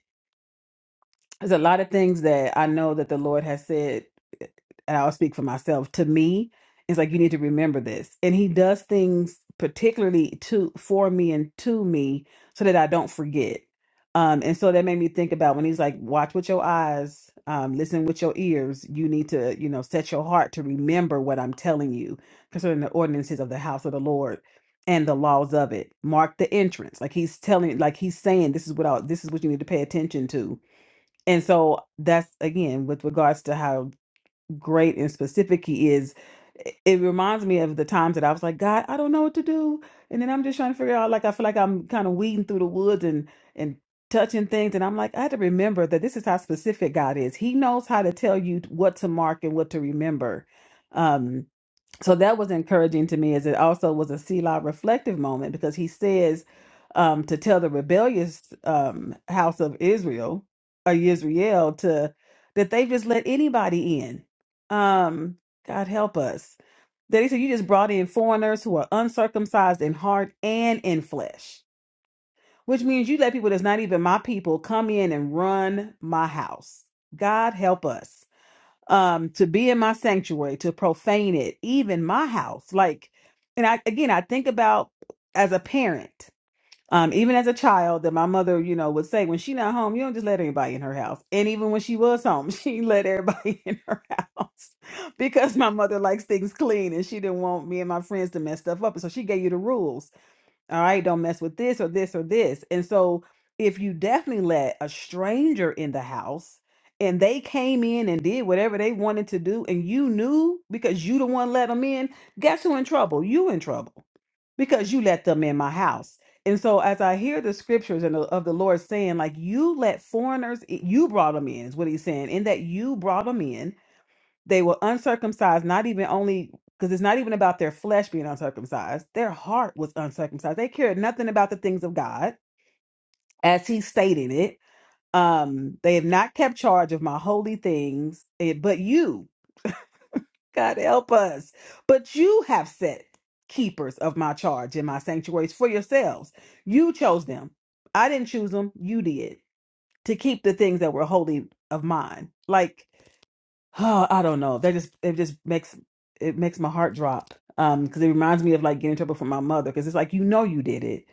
there's a lot of things that I know that the Lord has said, eh, and I'll speak for myself. To me, it's like you need to remember this, and He does things particularly to for me and to me so that I don't forget. Um, and so that made me think about when He's like, "Watch with your eyes, um, listen with your ears. You need to, you know, set your heart to remember what I'm telling you concerning the ordinances of the house of the Lord." and the laws of it mark the entrance like he's telling like he's saying this is what I, this is what you need to pay attention to and so that's again with regards to how great and specific he is. i- It reminds me of the times that I was like, God, I don't know what to do. And then I'm just trying to figure out, like, I feel like I'm kind of weeding through the woods and, and touching things. And I'm like, I had to remember that this is how specific God is. He knows how to tell you what to mark and what to remember. Um, so that was encouraging to me as it also was a Selah reflective moment because he says um, to tell the rebellious um, house of Israel or Israel to that they just let anybody in. Um, God help us. That he said you just brought in foreigners who are uncircumcised in heart and in flesh, which means you let people that's not even my people come in and run my house. God help us um to be in my sanctuary to profane it even my house like and i again i think about as a parent um even as a child that my mother you know would say when she not home you don't just let anybody in her house and even when she was home she let everybody in her house because my mother likes things clean and she didn't want me and my friends to mess stuff up and so she gave you the rules all right, don't mess with this or this or this. And so, if you definitely let a stranger in the house and they came in and did whatever they wanted to do, and you knew because you the one let them in, guess who in trouble? You in trouble because you let them in my house. And so, as I hear the scriptures and the, of the Lord saying, like, you let foreigners, i- you brought them in, is what he's saying, in that you brought them in they were uncircumcised, not even only because it's not even about their flesh being uncircumcised. Their heart was uncircumcised. They cared nothing about the things of God, as he stated it. Um, they have not kept charge of my holy things, eh, but you, God help us. But you have set keepers of my charge in my sanctuaries for yourselves. You chose them. I didn't choose them. You did to keep the things that were holy of mine. Like Oh, I don't know. That just it just makes it makes my heart drop. Um, because it reminds me of like getting in trouble from my mother. Because it's like you know you did it.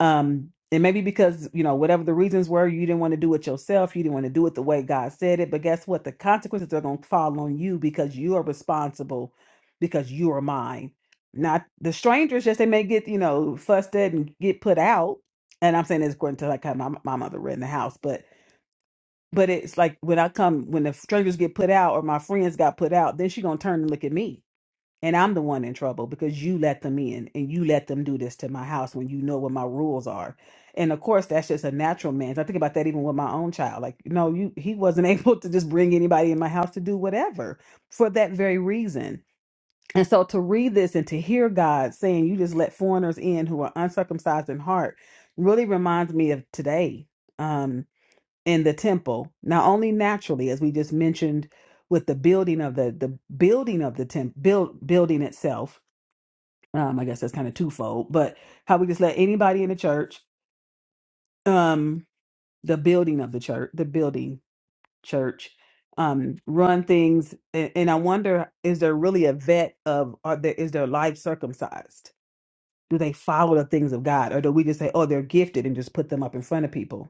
Um, and maybe because you know whatever the reasons were, you didn't want to do it yourself. You didn't want to do it the way God said it. But guess what? The consequences are going to fall on you because you are responsible. Because you are mine. Not the strangers. Just they may get you know fussed at and get put out. And I'm saying this according to like how my, my mother ran the house, but but it's like when I come, when the strangers get put out or my friends got put out, then she gonna turn and look at me. And I'm the one in trouble because you let them in and you let them do this to my house when you know what my rules are. And of course, that's just a natural man's. I think about that even with my own child. Like, no, you he wasn't able to just bring anybody in my house to do whatever for that very reason. And so to read this and to hear God saying you just let foreigners in who are uncircumcised in heart really reminds me of today. Um, in the temple not only naturally as we just mentioned with the building of the the building of the temp build building itself um i guess that's kind of twofold but how we just let anybody in the church um the building of the church the building church um run things and, and i wonder is there really a vet of are there is their life circumcised do they follow the things of god or do we just say oh they're gifted and just put them up in front of people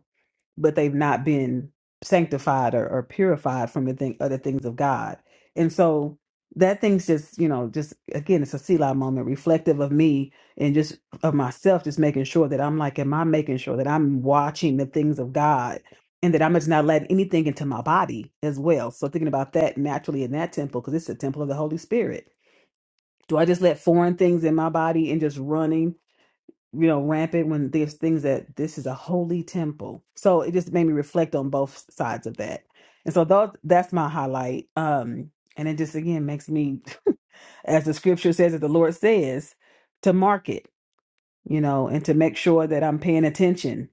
but they've not been sanctified or, or purified from the thing other things of God. And so that thing's just, you know, just again, it's a Selah moment, reflective of me and just of myself, just making sure that I'm like, am I making sure that I'm watching the things of God and that I'm just not letting anything into my body as well. So thinking about that naturally in that temple, because it's a temple of the Holy Spirit. Do I just let foreign things in my body and just running? you know, rampant when there's things that this is a holy temple. So it just made me reflect on both sides of that. And so those that's my highlight. Um, and it just again makes me, as the scripture says, that the Lord says, to mark it, you know, and to make sure that I'm paying attention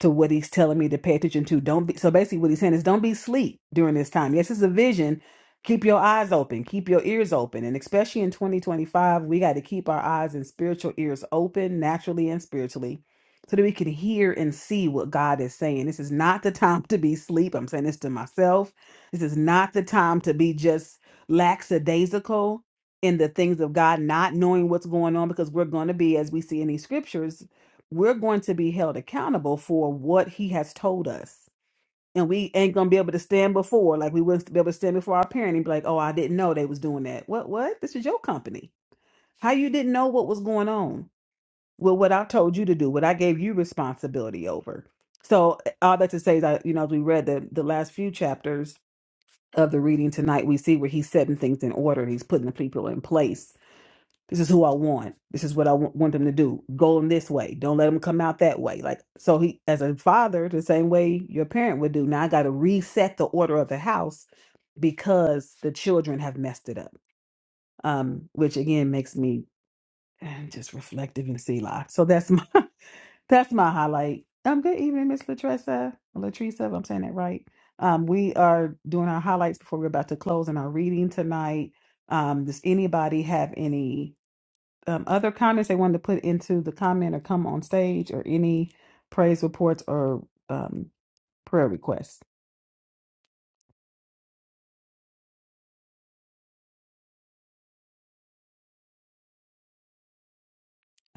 to what he's telling me to pay attention to. Don't be so basically what he's saying is don't be sleep during this time. Yes, it's a vision. Keep your eyes open, keep your ears open. And especially in 2025, we got to keep our eyes and spiritual ears open naturally and spiritually so that we can hear and see what God is saying. This is not the time to be sleep. I'm saying this to myself. This is not the time to be just lackadaisical in the things of God, not knowing what's going on because we're going to be, as we see in these scriptures, we're going to be held accountable for what he has told us. And we ain't gonna be able to stand before, like we wouldn't be able to stand before our parent and be like, "Oh, I didn't know they was doing that." What? What? This is your company. How you didn't know what was going on? Well, what I told you to do, what I gave you responsibility over. So eh, all that to say is, that you know, as we read the the last few chapters of the reading tonight, we see where he's setting things in order. He's putting the people in place this is who I want. This is what I w- want them to do. Go in this way. Don't let them come out that way. Like so, he as a father, the same way your parent would do. Now I got to reset the order of the house because the children have messed it up. Um, which again makes me eh, just reflective and see life. So that's my that's my highlight. Um, good evening, Miss Latressa, Latresa. If I'm saying that right. Um, we are doing our highlights before we're about to close in our reading tonight. Um, does anybody have any? um, other comments they wanted to put into the comment or come on stage or any praise reports or um, prayer requests.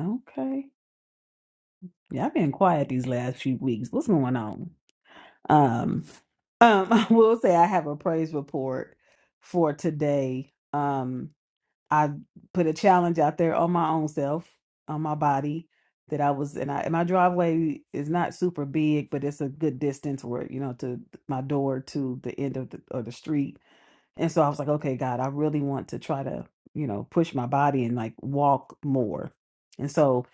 Okay. Yeah, I've been quiet these last few weeks. What's going on? Um, um, I will say I have a praise report for today. Um, I put a challenge out there on my own self, on my body that I was, and I, and my driveway is not super big, but it's a good distance where, you know, to my door to the end of the, or the street And so I was like, okay, God, I really want to try to, you know, push my body and like walk more. And so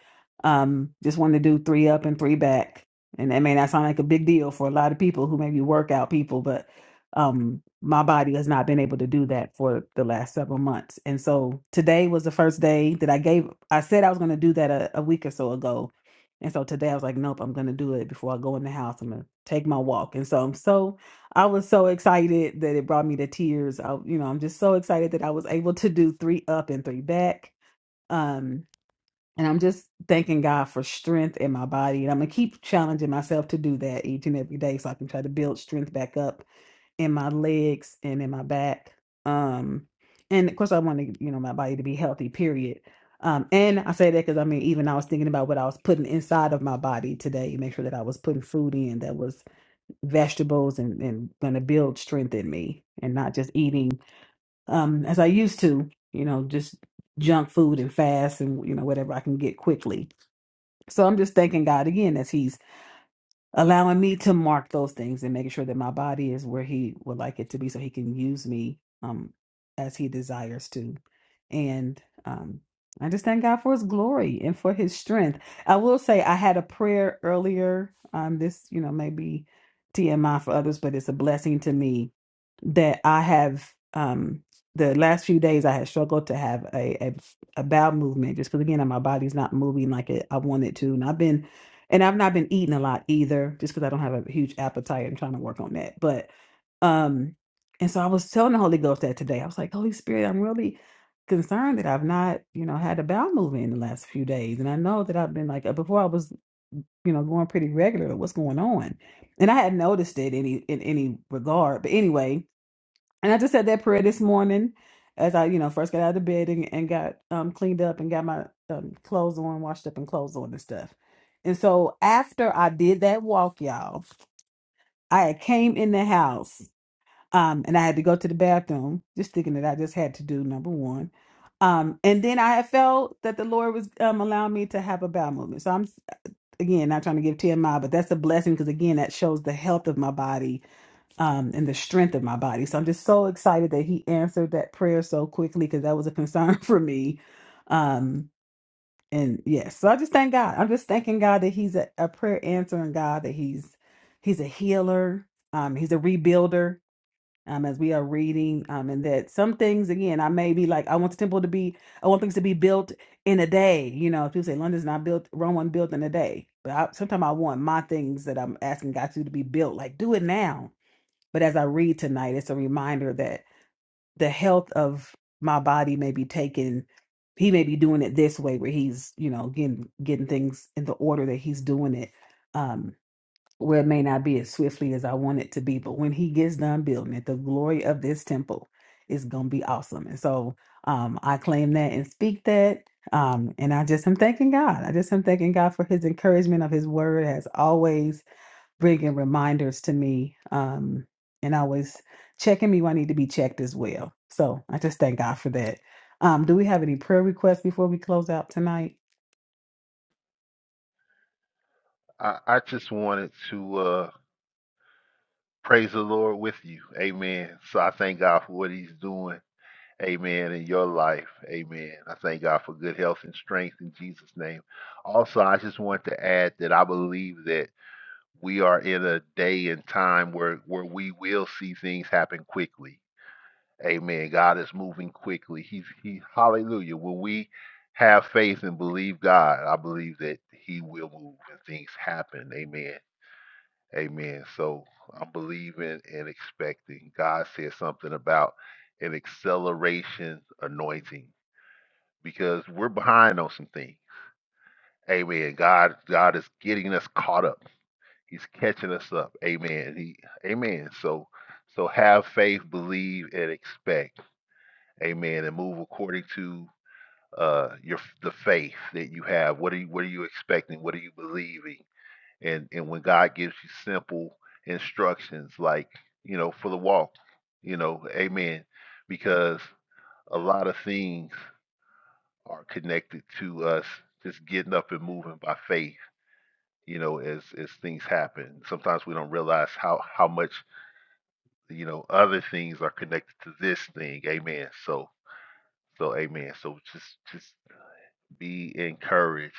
um just wanted to do three up and three back. And that may not sound like a big deal for a lot of people who may be workout people, but um my body has not been able to do that for the last several months. And so today was the first day that I gave I said I was gonna do that a, a week or so ago. And so today I was like, nope, I'm gonna do it before I go in the house. I'm gonna take my walk. And so I'm so I was so excited that it brought me to tears. I, you know, I'm just so excited that I was able to do three up and three back. Um, and I'm just thanking God for strength in my body. And I'm gonna keep challenging myself to do that each and every day so I can try to build strength back up in my legs and in my back. Um, and of course I want to, you know, my body to be healthy, period. Um, and I say that because I mean, even I was thinking about what I was putting inside of my body today, make sure that I was putting food in that was vegetables and, and going to build strength in me and not just eating um as I used to, you know, just junk food and fast and you know whatever I can get quickly. So I'm just thanking God again as he's allowing me to mark those things and making sure that my body is where he would like it to be so he can use me um as he desires to and um i just thank god for his glory and for his strength i will say i had a prayer earlier um this you know maybe tmi for others but it's a blessing to me that i have um the last few days i had struggled to have a a, a bowel movement just because again my body's not moving like it, i want it to and i've been and I've not been eating a lot either, just because I don't have a huge appetite. I'm trying to work on that. But um, and so I was telling the Holy Ghost that today. I was like, Holy Spirit, I'm really concerned that I've not, you know, had a bowel movement in the last few days. And I know that I've been like uh, before I was, you know, going pretty regular. What's going on? And I had not noticed it any in any regard. But anyway, and I just said that prayer this morning as I, you know, first got out of bed and, and got um, cleaned up and got my um, clothes on, washed up and clothes on and stuff. And so after I did that walk, y'all, I had came in the house um, and I had to go to the bathroom, just thinking that I just had to do number one. Um, and then I had felt that the Lord was um, allowing me to have a bowel movement. So I'm, again, not trying to give TMI, but that's a blessing because, again, that shows the health of my body um, and the strength of my body. So I'm just so excited that he answered that prayer so quickly because that was a concern for me. Um, and yes, so I just thank God. I'm just thanking God that He's a, a prayer answering God, that He's He's a healer, um, He's a rebuilder. Um, as we are reading, um, and that some things again, I may be like, I want the temple to be, I want things to be built in a day. You know, people say London's not built, Rome wasn't built in a day. But I, sometimes I want my things that I'm asking God to do to be built, like do it now but as I read tonight, it's a reminder that the health of my body may be taken. He may be doing it this way, where he's, you know, getting getting things in the order that he's doing it, um, where it may not be as swiftly as I want it to be. But when he gets done building it, the glory of this temple is gonna be awesome. And so um, I claim that and speak that. Um, and I just am thanking God. I just am thanking God for His encouragement of His Word as always bringing reminders to me um, and always checking me when I need to be checked as well. So I just thank God for that. Um, do we have any prayer requests before we close out tonight? I, I just wanted to uh praise the Lord with you. Amen. So I thank God for what he's doing Amen. In your life. Amen. I thank God for good health and strength in Jesus' name. Also, I just want to add that I believe that we are in a day and time where, where we will see things happen quickly. Amen. God is moving quickly. He's he hallelujah. When we have faith and believe God, I believe that He will move and things happen. Amen. Amen. So I'm believing and expecting. God said something about an acceleration anointing because we're behind on some things. Amen. God, God is getting us caught up. He's catching us up. Amen. He, amen. So, so have faith, believe, and expect. Amen. And move according to uh your the faith that you have. What are you What are you expecting? What are you believing? And and when God gives you simple instructions, like you know, for the walk, you know, Amen. Because a lot of things. are connected to us just getting up and moving by faith you know as as things happen sometimes we don't realize how how much you know other things are connected to this thing amen so so amen so just just be encouraged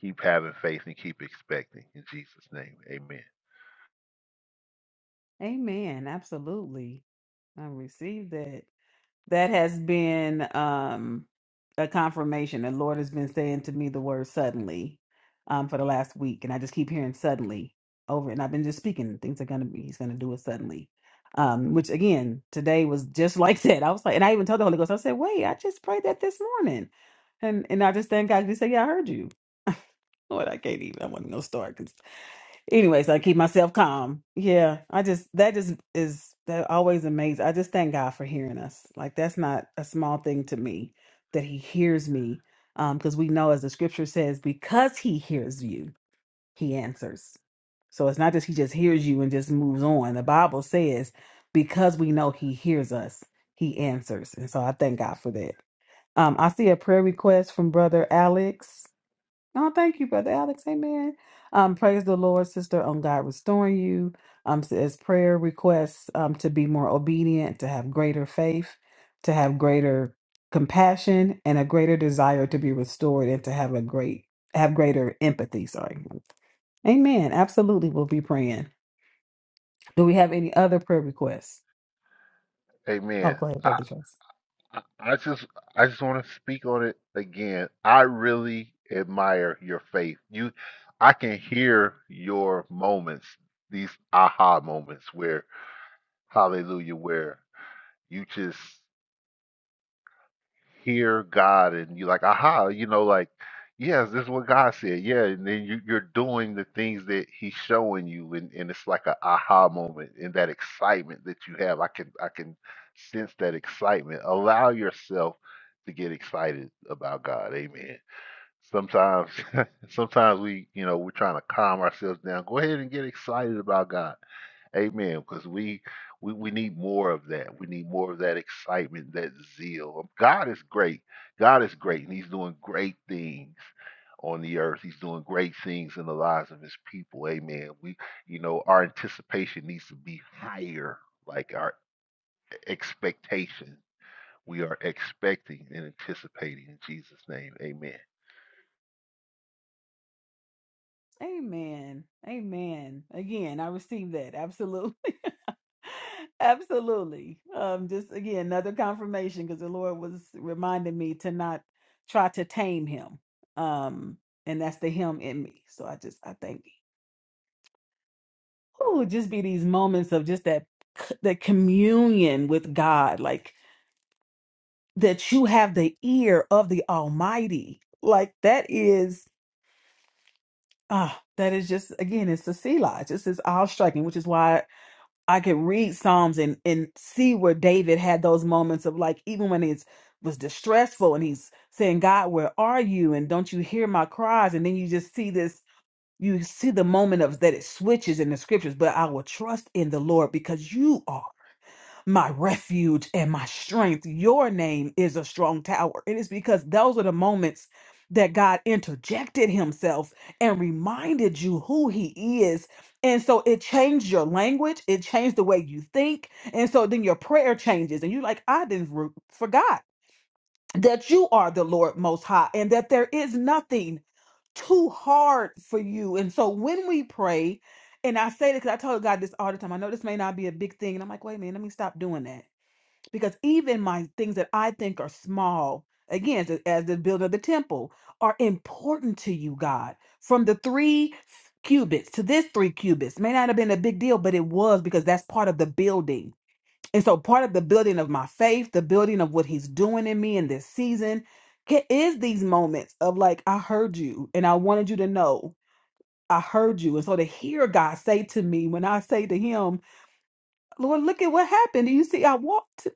keep having faith and keep expecting in jesus name amen Amen. Absolutely. I received that. That has been um, a confirmation. The Lord has been saying to me the word suddenly um, for the last week, and I just keep hearing suddenly over. And I've been just speaking things are gonna be. He's gonna do it suddenly. Um, which again, today was just like that. I was like, and I even told the Holy Ghost, I said, "Wait, I just prayed that this morning," and and I just thank God. He said, "Yeah, I heard you." Lord, I can't even. I wasn't gonna start 'cause Anyways, I keep myself calm. Yeah, I just that just is that always amazing. I just thank God for hearing us. Like that's not a small thing to me that He hears me, because we know as the Scripture says, because He hears you, He answers. So it's not just He just hears you and just moves on. The Bible says, because we know He hears us, He answers, and so I thank God for that. Um, I see a prayer request from Brother Alex. Oh, thank you, Brother Alex. Amen. Um, praise the Lord, sister, on God restoring you. Um, so as prayer requests um, to be more obedient, to have greater faith, to have greater compassion, and a greater desire to be restored and to have a great have greater empathy. Sorry. Amen. Absolutely, we'll be praying. Do we have any other prayer requests? Oh, amen go ahead, I, Brother Tracy. I I just I just want to speak on it again. I really admire your faith. You I can hear your moments, these aha moments where hallelujah where you just hear God and you're like, aha, you know, like, yes, this is what God said. Yeah. And then you, you're doing the things that He's showing you. And, and it's like a aha moment and that excitement that you have. I can, I can sense that excitement. Allow yourself to get excited about God. Amen. Sometimes, sometimes we, you know, we're trying to calm ourselves down. Go ahead and get excited about God Amen. Because we, we we need more of that. We need more of that excitement, that zeal. Um, God is great. God is great, and He's doing great things on the earth. He's doing great things in the lives of His people. Amen. We, you know, our anticipation needs to be higher, like our expectation. We are expecting and anticipating in Jesus' name. Amen. Amen. Amen. Again, I received that. Absolutely. Absolutely. Um, just again, another confirmation because the Lord was reminding me to not try to tame him. Um, and that's the him in me. So I just I thank. think oh, just be these moments of just that that communion with God, like that you have the ear of the Almighty. Like that is ah, that is just again, it's a sea lodge. It's is all striking, which is why I could read Psalms and and see where David had those moments of like even when he's was distressful and he's saying, God, where are you? And don't you hear my cries? And then you just see this, you see the moment of that it switches in the scriptures, but I will trust in the Lord because you are my refuge and my strength. Your name is a strong tower. It is because those are the moments that God interjected himself and reminded you who he is. And so it changed your language, it changed the way you think. And so then your prayer changes, and you're like, I didn't re- forgot that you are the Lord Most High and that there is nothing too hard for you. And so when we pray, and I say this because I told God this all the time. I know this may not be a big thing. And I'm like, wait a minute, let me stop doing that because even my things that I think are small, again, as the, as the building of the temple, are important to you, God. From the three s- cubits to this three cubits may not have been a big deal, but it was because that's part of the building. And so, part of the building of my faith, the building of what He's doing in me in this season, ca- is these moments of like, I heard you and I wanted you to know. I heard you. And so to hear God say to me when I say to him, Lord, look at what happened. Do you see I walked?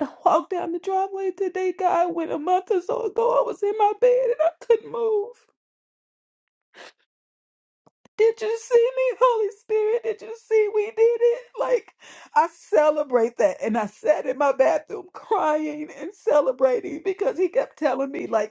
walked down the driveway today, God, when a month or so ago I was in my bed and I couldn't move. Did you see me, Holy Spirit? Did you see we did it? Like, I celebrate that. And I sat in my bathroom crying and celebrating because he kept telling me, like,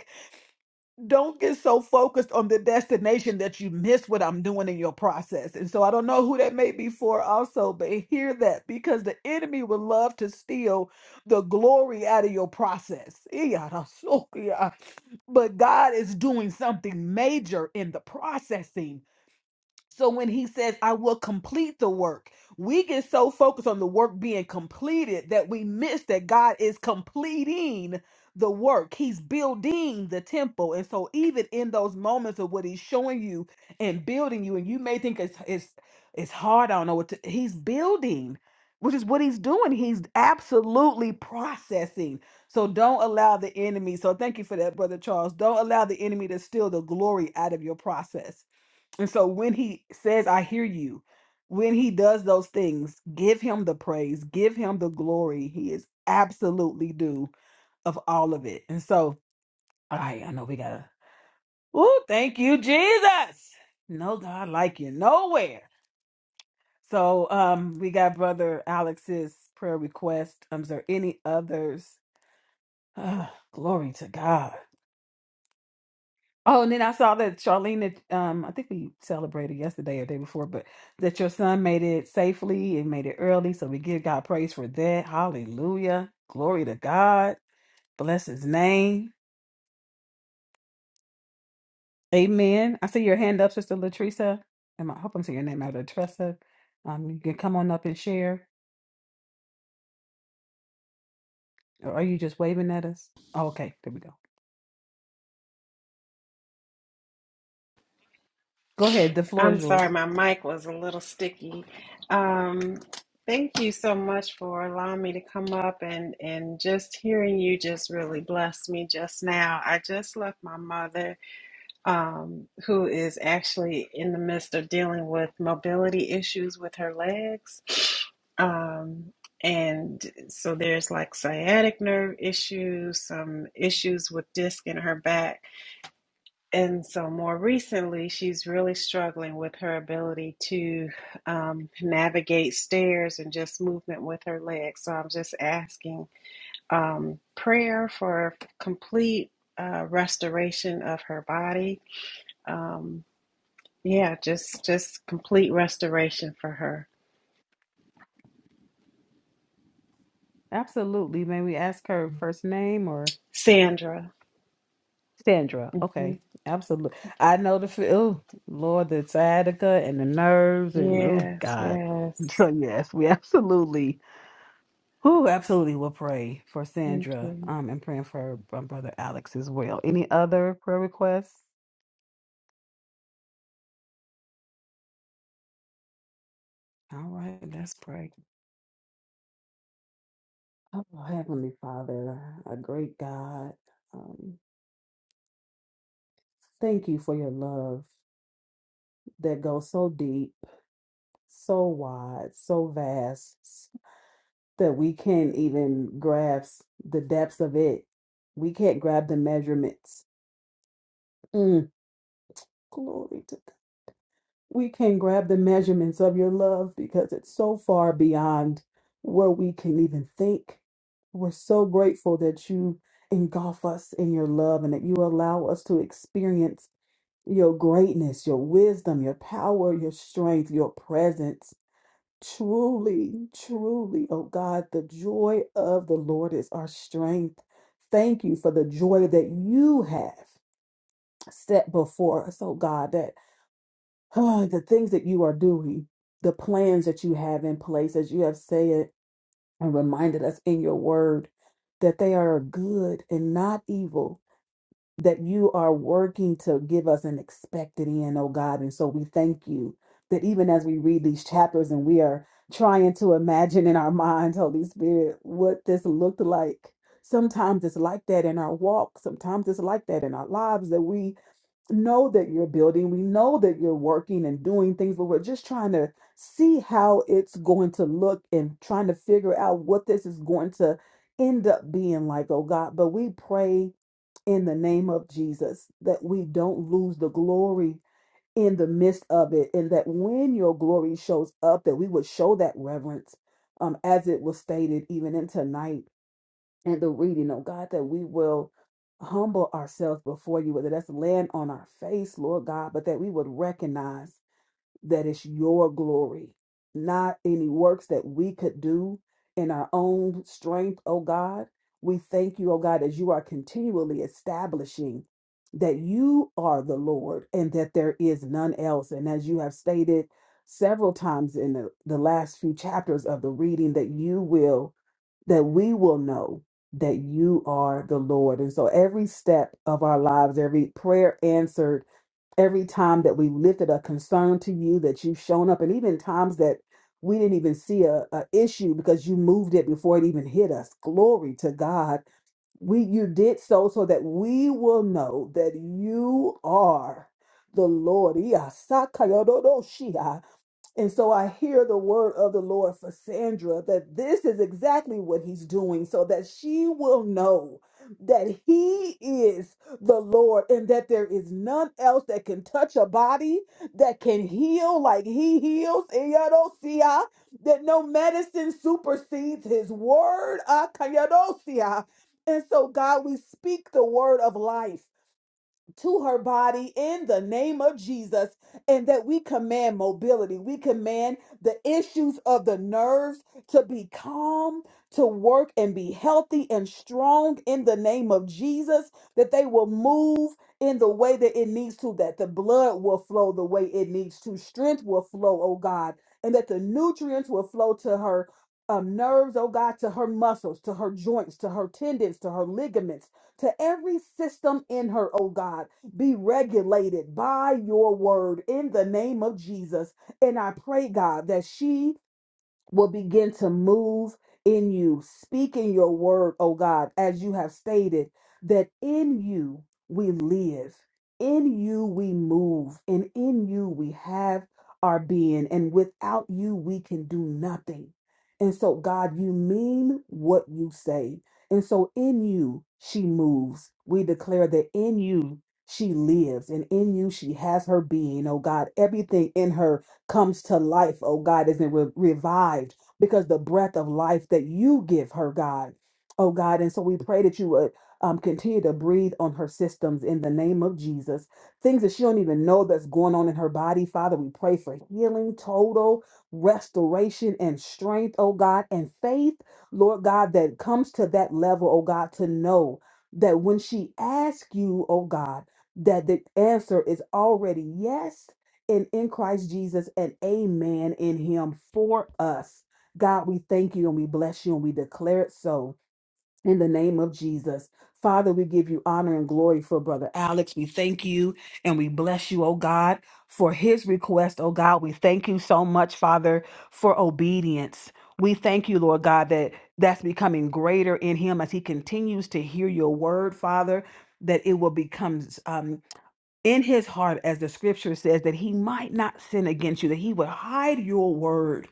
don't get so focused on the destination that you miss what I'm doing in your process. And so I don't know who that may be for also, but hear that because the enemy would love to steal the glory out of your process. But God is doing something major in the processing so when he says, I will complete the work, we get so focused on the work being completed that we miss that God is completing the work. He's building the temple. And so even in those moments of what he's showing you and building you, and you may think it's it's it's hard, I don't know what to, he's building, which is what he's doing. He's absolutely processing. So don't allow the enemy. So thank you for that, Brother Charles. Don't allow the enemy to steal the glory out of your process and so when he says, I hear you, when he does those things, give him the praise, give him the glory. He is absolutely due of all of it. And so, all right, I know we gotta, oh, thank you, Jesus. No God like you nowhere. So um we got brother Alex's prayer request. Um, is there any others? Ah, glory to God. Oh, and then I saw that Charlene, that, um, I think we celebrated yesterday or day before, but that your son made it safely and made it early. So we give God praise for that. Hallelujah. Glory to God. Bless his name. Amen. I see your hand up, Sister Latresa. Am I I hope I'm saying your name out, Latresa? Um, you can come on up and share. Or are you just waving at us? Oh, okay, there we go. Go ahead. The floor I'm is sorry, yours. my mic was a little sticky. Um, thank you so much for allowing me to come up and and just hearing you just really blessed me just now. I just left my mother, um, who is actually in the midst of dealing with mobility issues with her legs. Um, and so there's like sciatic nerve issues, some issues with disc in her back and so, more recently, she's really struggling with her ability to um, navigate stairs and just movement with her legs. So, I'm just asking um, prayer for complete uh, restoration of her body. Um, yeah, just just complete restoration for her, Absolutely. May we ask her first name Sandra. Sandra. hmm Okay, absolutely. I know the feel. ooh, Lord, the sciatica and the nerves and oh Yes, God. yes. So yes, we absolutely, who absolutely will pray for Thank Sandra. you. Um, and praying for her um, brother Alex as well. Any other prayer requests? All right, let's pray. Oh, Heavenly Father, a great God, um, thank you for your love that goes so deep, so wide, so vast. that we can't even grasp the depths of it. We can't grab the measurements. Mm, glory to God. We can't grab the measurements of your love because it's so far beyond where we can even think. We're so grateful that you engulf us in your love and that you allow us to experience your greatness, your wisdom, your power, your strength, your presence Truly, truly, oh God, the joy of the Lord is our strength. Thank you for the joy that you have set before us, oh God, that ah, the things that you are doing, the plans that you have in place, as you have said and reminded us in your word, that they are good and not evil that you are working to give us an expected end, oh God. And so we thank you that even as we read these chapters and we are trying to imagine in our minds, Holy Spirit, what this looked like. Sometimes it's like that in our walk, sometimes it's like that in our lives that we know that you're building, we know that you're working and doing things, but we're just trying to see how it's going to look and trying to figure out what this is going to end up being like, oh God. But we pray in the name of Jesus, that we don't lose the glory in the midst of it, and that when your glory shows up, that we would show that reverence, um, as it was stated even in tonight and the reading Oh God, that we will humble ourselves before you, whether that's land on our face, Lord God, but that we would recognize that it's your glory, not any works that we could do in our own strength, oh God. We thank you, oh God, as you are continually establishing that you are the Lord and that there is none else. And as you have stated several times in the, the last few chapters of the reading, that you will, that we will know that you are the Lord. And so every step of our lives, every prayer answered, every time that we lifted a concern to you that you've shown up and even times that we didn't even see a, a issue because you moved it before it even hit us glory to god we you did so so that we will know that you are the lord Iya, sakayododoshia. And so I hear the word of the Lord for Sandra that this is exactly what he's doing so that she will know that he is the Lord and that there is none else that can touch a body, that can heal like he heals. Eyadosia, That no medicine supersedes his word. Akayadosia. And so, God, we speak the word of life to her body in the name of Jesus, and that we command mobility. We command the issues of the nerves to be calm, to work and be healthy and strong in the name of Jesus, that they will move in the way that it needs to, that the blood will flow the way it needs to, strength will flow, oh God, and that the nutrients will flow to her. Um, nerves, oh God, to her muscles, to her joints, to her tendons, to her ligaments to every system in her, oh God, be regulated by your word in the name of Jesus. And I pray, God, that she will begin to move in you, speaking your word, oh God, as you have stated, that in you we live, in you we move, and in you we have our being, and without you we can do nothing. And so, God, you mean what you say. And so, in you she moves. We declare that in you she lives, and in you she has her being, oh God, everything in her comes to life, oh God, is re- revived because the breath of life that you give her, God, oh God. And so we pray that you would um, continue to breathe on her systems in the name of Jesus. Things that she don't even know that's going on in her body, Father, we pray for healing, total restoration and strength, oh God, and faith, Lord God, that comes to that level, oh God, to know that when she asks you, oh God, that the answer is already yes and in Christ Jesus and amen in him for us. God, we thank you and we bless you and we declare it so in the name of Jesus. Father, we give you honor and glory for brother Alex. We thank you and we bless you, oh God, for his request, oh God. We thank you so much, Father, for obedience. We thank you, Lord God, that that's becoming greater in him as he continues to hear your word, Father, that it will become um, in his heart, as the scripture says, that he might not sin against you, that he would hide your word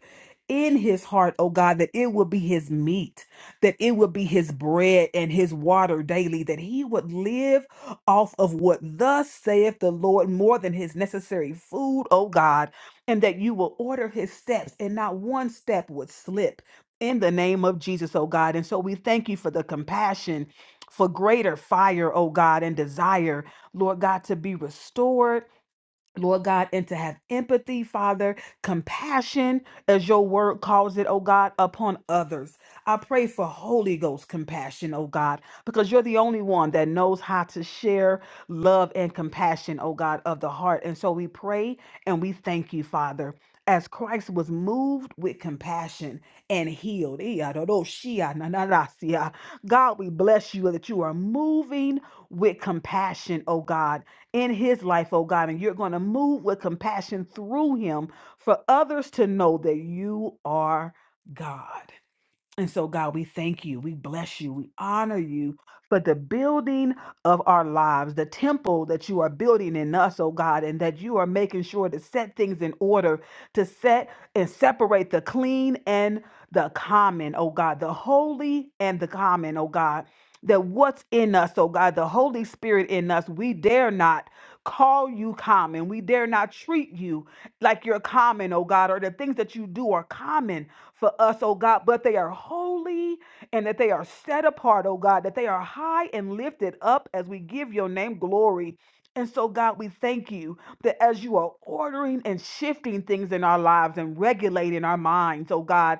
in his heart, oh God, that it would be his meat, that it would be his bread and his water daily, that he would live off of what thus saith the Lord more than his necessary food, oh God, and that you will order his steps and not one step would slip. In the name of Jesus, oh God. And so we thank you for the compassion, for greater fire, oh God, and desire Lord God, to be restored. Lord God, and to have empathy, Father, compassion, as your word calls it, oh God, upon others. I pray for Holy Ghost compassion, oh God, because you're the only one that knows how to share love and compassion, oh God, of the heart. And so we pray and we thank you, Father, as Christ was moved with compassion and healed. God, we bless you that you are moving with compassion, oh God in his life, oh God, and you're going to move with compassion through him for others to know that you are God. And so, God, we thank you. We bless you. We honor you for the building of our lives, the temple that you are building in us, oh God, and that you are making sure to set things in order, to set and separate the clean and the common, oh God, the holy and the common, oh God. That what's in us, oh God, the Holy Spirit in us, we dare not call you common. We dare not treat you like you're common, oh God, or the things that you do are common for us, oh God, but they are holy and that they are set apart, oh God, that they are high and lifted up as we give your name glory. And so, God, we thank you that as you are ordering and shifting things in our lives and regulating our minds, oh God,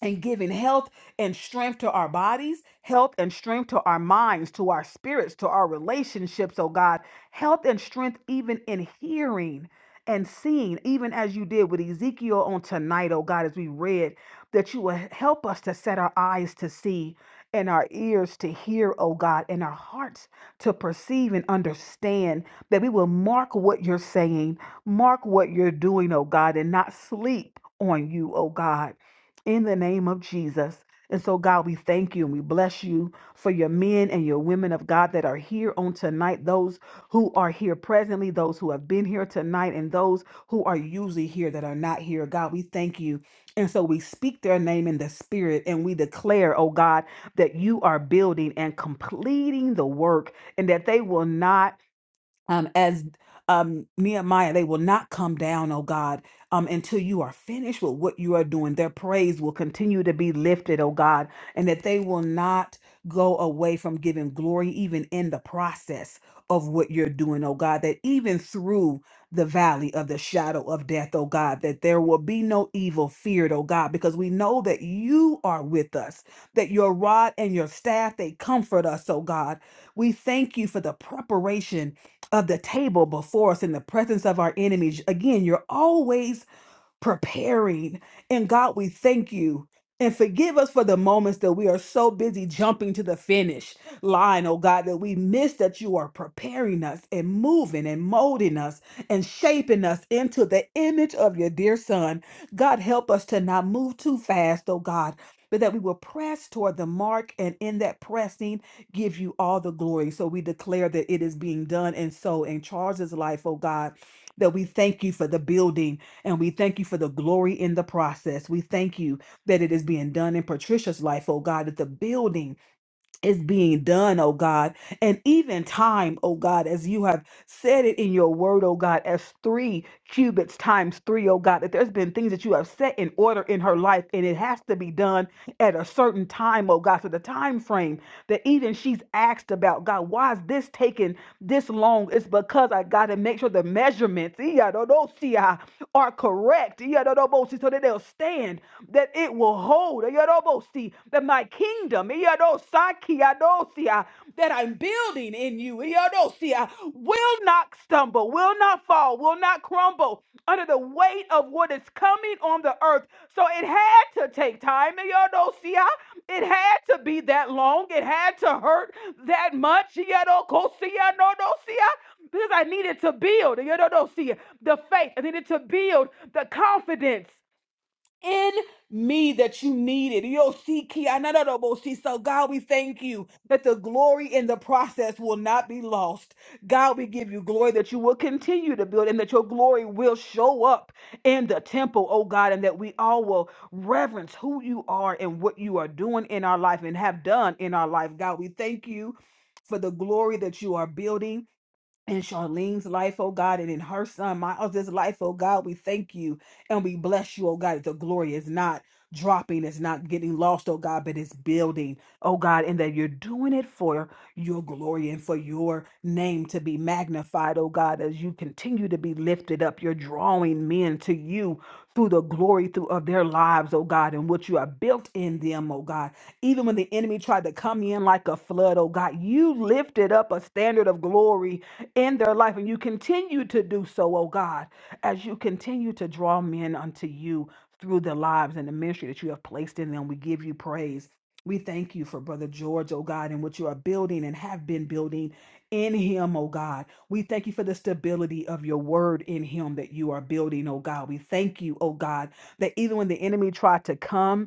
and giving health and strength to our bodies, health and strength to our minds, to our spirits, to our relationships, oh God, health and strength even in hearing and seeing, even as you did with Ezekiel on tonight, oh God, as we read, that you will help us to set our eyes to see and our ears to hear, oh God, and our hearts to perceive and understand that we will mark what you're saying, mark what you're doing, oh God, and not sleep on you, oh God in the name of Jesus. And so, God, we thank you and we bless you for your men and your women of God that are here on tonight, those who are here presently, those who have been here tonight, and those who are usually here that are not here. God, we thank you. And so, we speak their name in the spirit and we declare, oh God, that you are building and completing the work and that they will not um, as um, Nehemiah, they will not come down, oh God, um, until you are finished with what you are doing. Their praise will continue to be lifted, oh God, and that they will not go away from giving glory, even in the process of what you're doing, oh God, that even through the valley of the shadow of death, oh God, that there will be no evil feared, oh God, because we know that you are with us, that your rod and your staff, they comfort us, oh God. We thank you for the preparation of the table before us in the presence of our enemies. Again, you're always preparing. And God, we thank you. And forgive us for the moments that we are so busy jumping to the finish line, oh God, that we miss that you are preparing us and moving and molding us and shaping us into the image of your dear Son. God, help us to not move too fast, oh God, but that we will press toward the mark and in that pressing give you all the glory. So we declare that it is being done and so in Charles's life, oh God, that we thank you for the building and we thank you for the glory in the process. We thank you that it is being done in Patricia's life, oh God, that the building is being done, oh God, and even time, oh God, as you have said it in your word, oh God, as three cubits times three, oh God, that there's been things that you have set in order in her life, and it has to be done at a certain time, oh God. So the time frame that even she's asked about, God, why is this taking this long? It's because I got to make sure the measurements, yeah, no, no, see, uh, are correct, yeah, no, no, so that they'll stand that it will hold, that my kingdom, that I'm building in you, will not stumble, will not fall, will not crumble under the weight of what is coming on the earth. So it had to take time, It had to be that long. It had to hurt that much, because I needed to build, the faith. I needed to build the confidence in me that you needed. Yo, see, Ki- I know that, oh, but see. So, God, we thank you that the glory in the process will not be lost. God, we give you glory that you will continue to build and that your glory will show up in the temple, oh God, and that we all will reverence who you are and what you are doing in our life and have done in our life. God, we thank you for the glory that you are building in Charlene's life, oh God, and in her son Miles' life, oh God, we thank you and we bless you, oh God. that The glory is not dropping, it's not getting lost, oh God, but it's building, oh God, and that you're doing it for your glory and for your name to be magnified, oh God, as you continue to be lifted up. You're drawing men to you through the glory through of their lives, oh God, and what you have built in them, oh God. Even when the enemy tried to come in like a flood, oh God, you lifted up a standard of glory in their life. And you continue to do so, oh God, as you continue to draw men unto you through their lives and the ministry that you have placed in them. We give you praise. We thank you for Brother George, oh God, and what you are building and have been building in him, oh God. We thank you for the stability of your word in him that you are building, oh God. We thank you, oh God, that even when the enemy tried to come,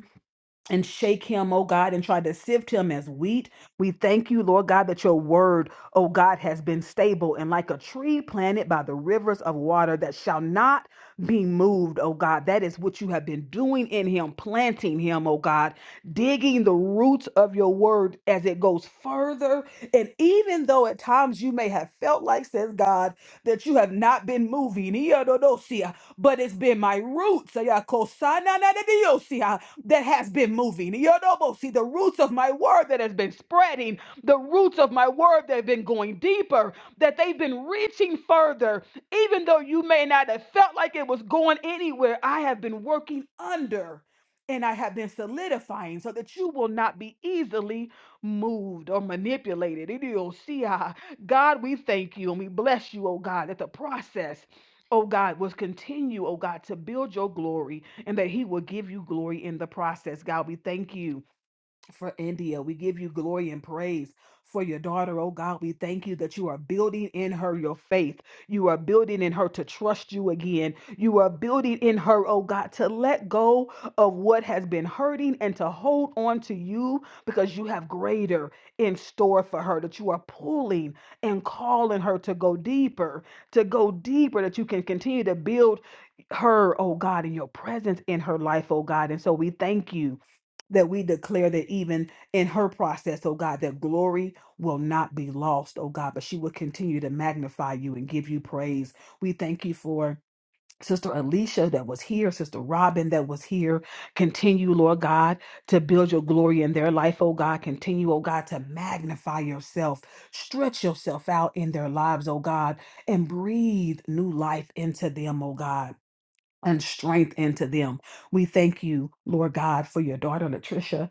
and shake him, oh God, and try to sift him as wheat. We thank you, Lord God, that your word, oh God, has been stable and like a tree planted by the rivers of water that shall not be moved, oh God. That is what you have been doing in him, planting him, oh God, digging the roots of your word as it goes further. And even though at times you may have felt like, says God, that you have not been moving, but it's been my roots that has been moving. Yodobo, See the roots of my word that has been spreading, the roots of my word that have been going deeper, that they've been reaching further. Even though you may not have felt like it was going anywhere, I have been working under and I have been solidifying so that you will not be easily moved or manipulated. Idiosia. God, we thank you and we bless you, oh God, that the process. Oh God, was continue, oh God, to build your glory and that He will give you glory in the process. God, we thank you for India. We give you glory and praise for your daughter, oh God. We thank you that you are building in her your faith. You are building in her to trust you again. You are building in her, oh God, to let go of what has been hurting and to hold on to you because you have greater in store for her, that you are pulling and calling her to go deeper, to go deeper, that you can continue to build her, oh God, in your presence in her life, oh God. And so we thank you that we declare that even in her process, oh God, that glory will not be lost, oh God, but she will continue to magnify you and give you praise. We thank you for Sister Alicia that was here, Sister Robin that was here. Continue, Lord God, to build your glory in their life, oh God. Continue, oh God, to magnify yourself, stretch yourself out in their lives, oh God, and breathe new life into them, oh God. And strength into them. We thank you, Lord God, for your daughter, Latricia.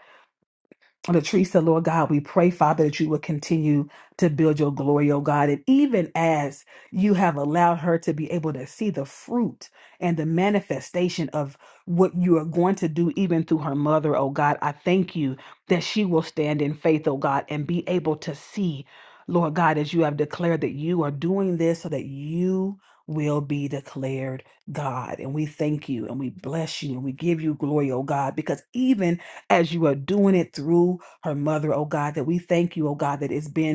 Latrice, Lord God, we pray, Father, that you will continue to build your glory, oh God. And even as you have allowed her to be able to see the fruit and the manifestation of what you are going to do, even through her mother, oh God, I thank you that she will stand in faith, oh God, and be able to see, Lord God, as you have declared that you are doing this so that you will be declared God. And we thank you and we bless you and we give you glory, oh God, because even as you are doing it through her mother, oh God, that we thank you, oh God, that it's been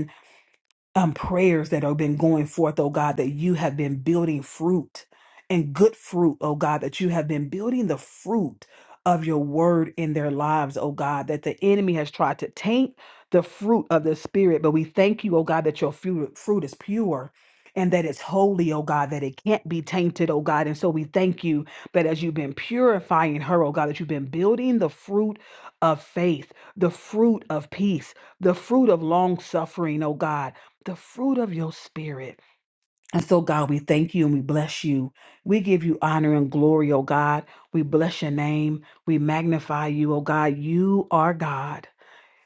um, prayers that have been going forth, oh God, that you have been building fruit and good fruit, oh God, that you have been building the fruit of your word in their lives, oh God, that the enemy has tried to taint the fruit of the spirit. But we thank you, oh God, that your fu- fruit is pure. And that it's holy, oh God, that it can't be tainted, oh God. And so we thank you that as you've been purifying her, oh God, that you've been building the fruit of faith, the fruit of peace, the fruit of long suffering, oh God the fruit of your spirit. And so, God, we thank you and we bless you. We give you honor and glory, oh God. We bless your name. We magnify you, oh God. You are God.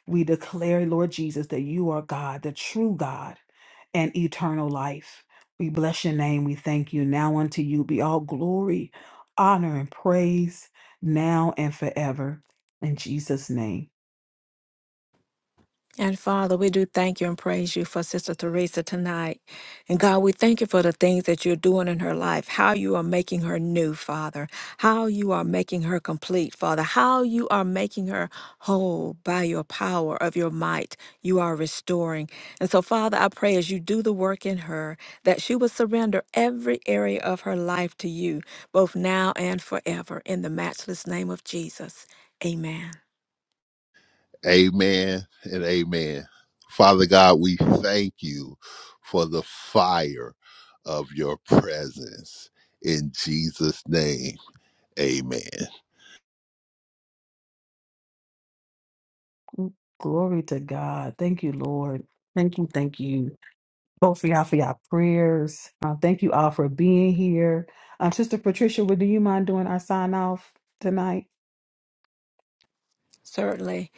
We declare, Lord Jesus, that you are God, the true God and eternal life. We bless your name. We thank you. Now unto you be all glory, honor, and praise now and forever. In Jesus' name. And Father, we do thank you and praise you for Sister Teresa tonight. And God, we thank you for the things that you're doing in her life, how you are making her new, Father, how you are making her complete, Father, how you are making her whole by your power of your might. You are restoring. And so, Father, I pray as you do the work in her that she will surrender every area of her life to you, both now and forever, in the matchless name of Jesus. Amen. Amen and amen. Father God, we thank you for the fire of your presence. In Jesus' name, amen. Glory to God. Thank you, Lord. Thank you. Thank you. both of y'all for y'all prayers. Uh, thank you all for being here. Um, Sister Patricia, would do you mind doing our sign off tonight? Certainly.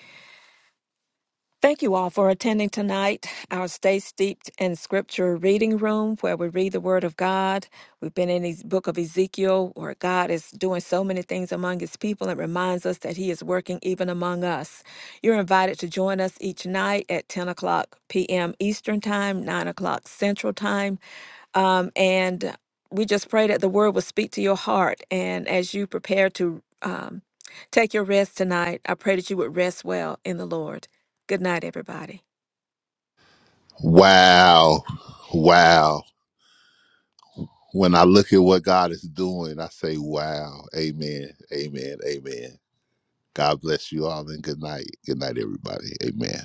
Thank you all for attending tonight, our Stay Steeped in Scripture reading room where we read the Word of God. We've been in the book of Ezekiel where God is doing so many things among His people and reminds us that He is working even among us. You're invited to join us each night at 10 o'clock p.m. Eastern Time, 9 o'clock Central Time. Um, and we just pray that the word will speak to your heart. And as you prepare to um, take your rest tonight, I pray that you would rest well in the Lord. Good night, everybody. Wow. Wow. When I look at what God is doing, I say, wow. Amen. Amen. Amen. God bless you all and good night. Good night, everybody. Amen.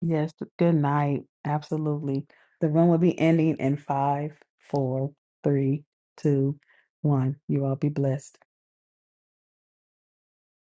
Yes. Good night. Absolutely. The room will be ending in five, four, three, two, one. You all be blessed.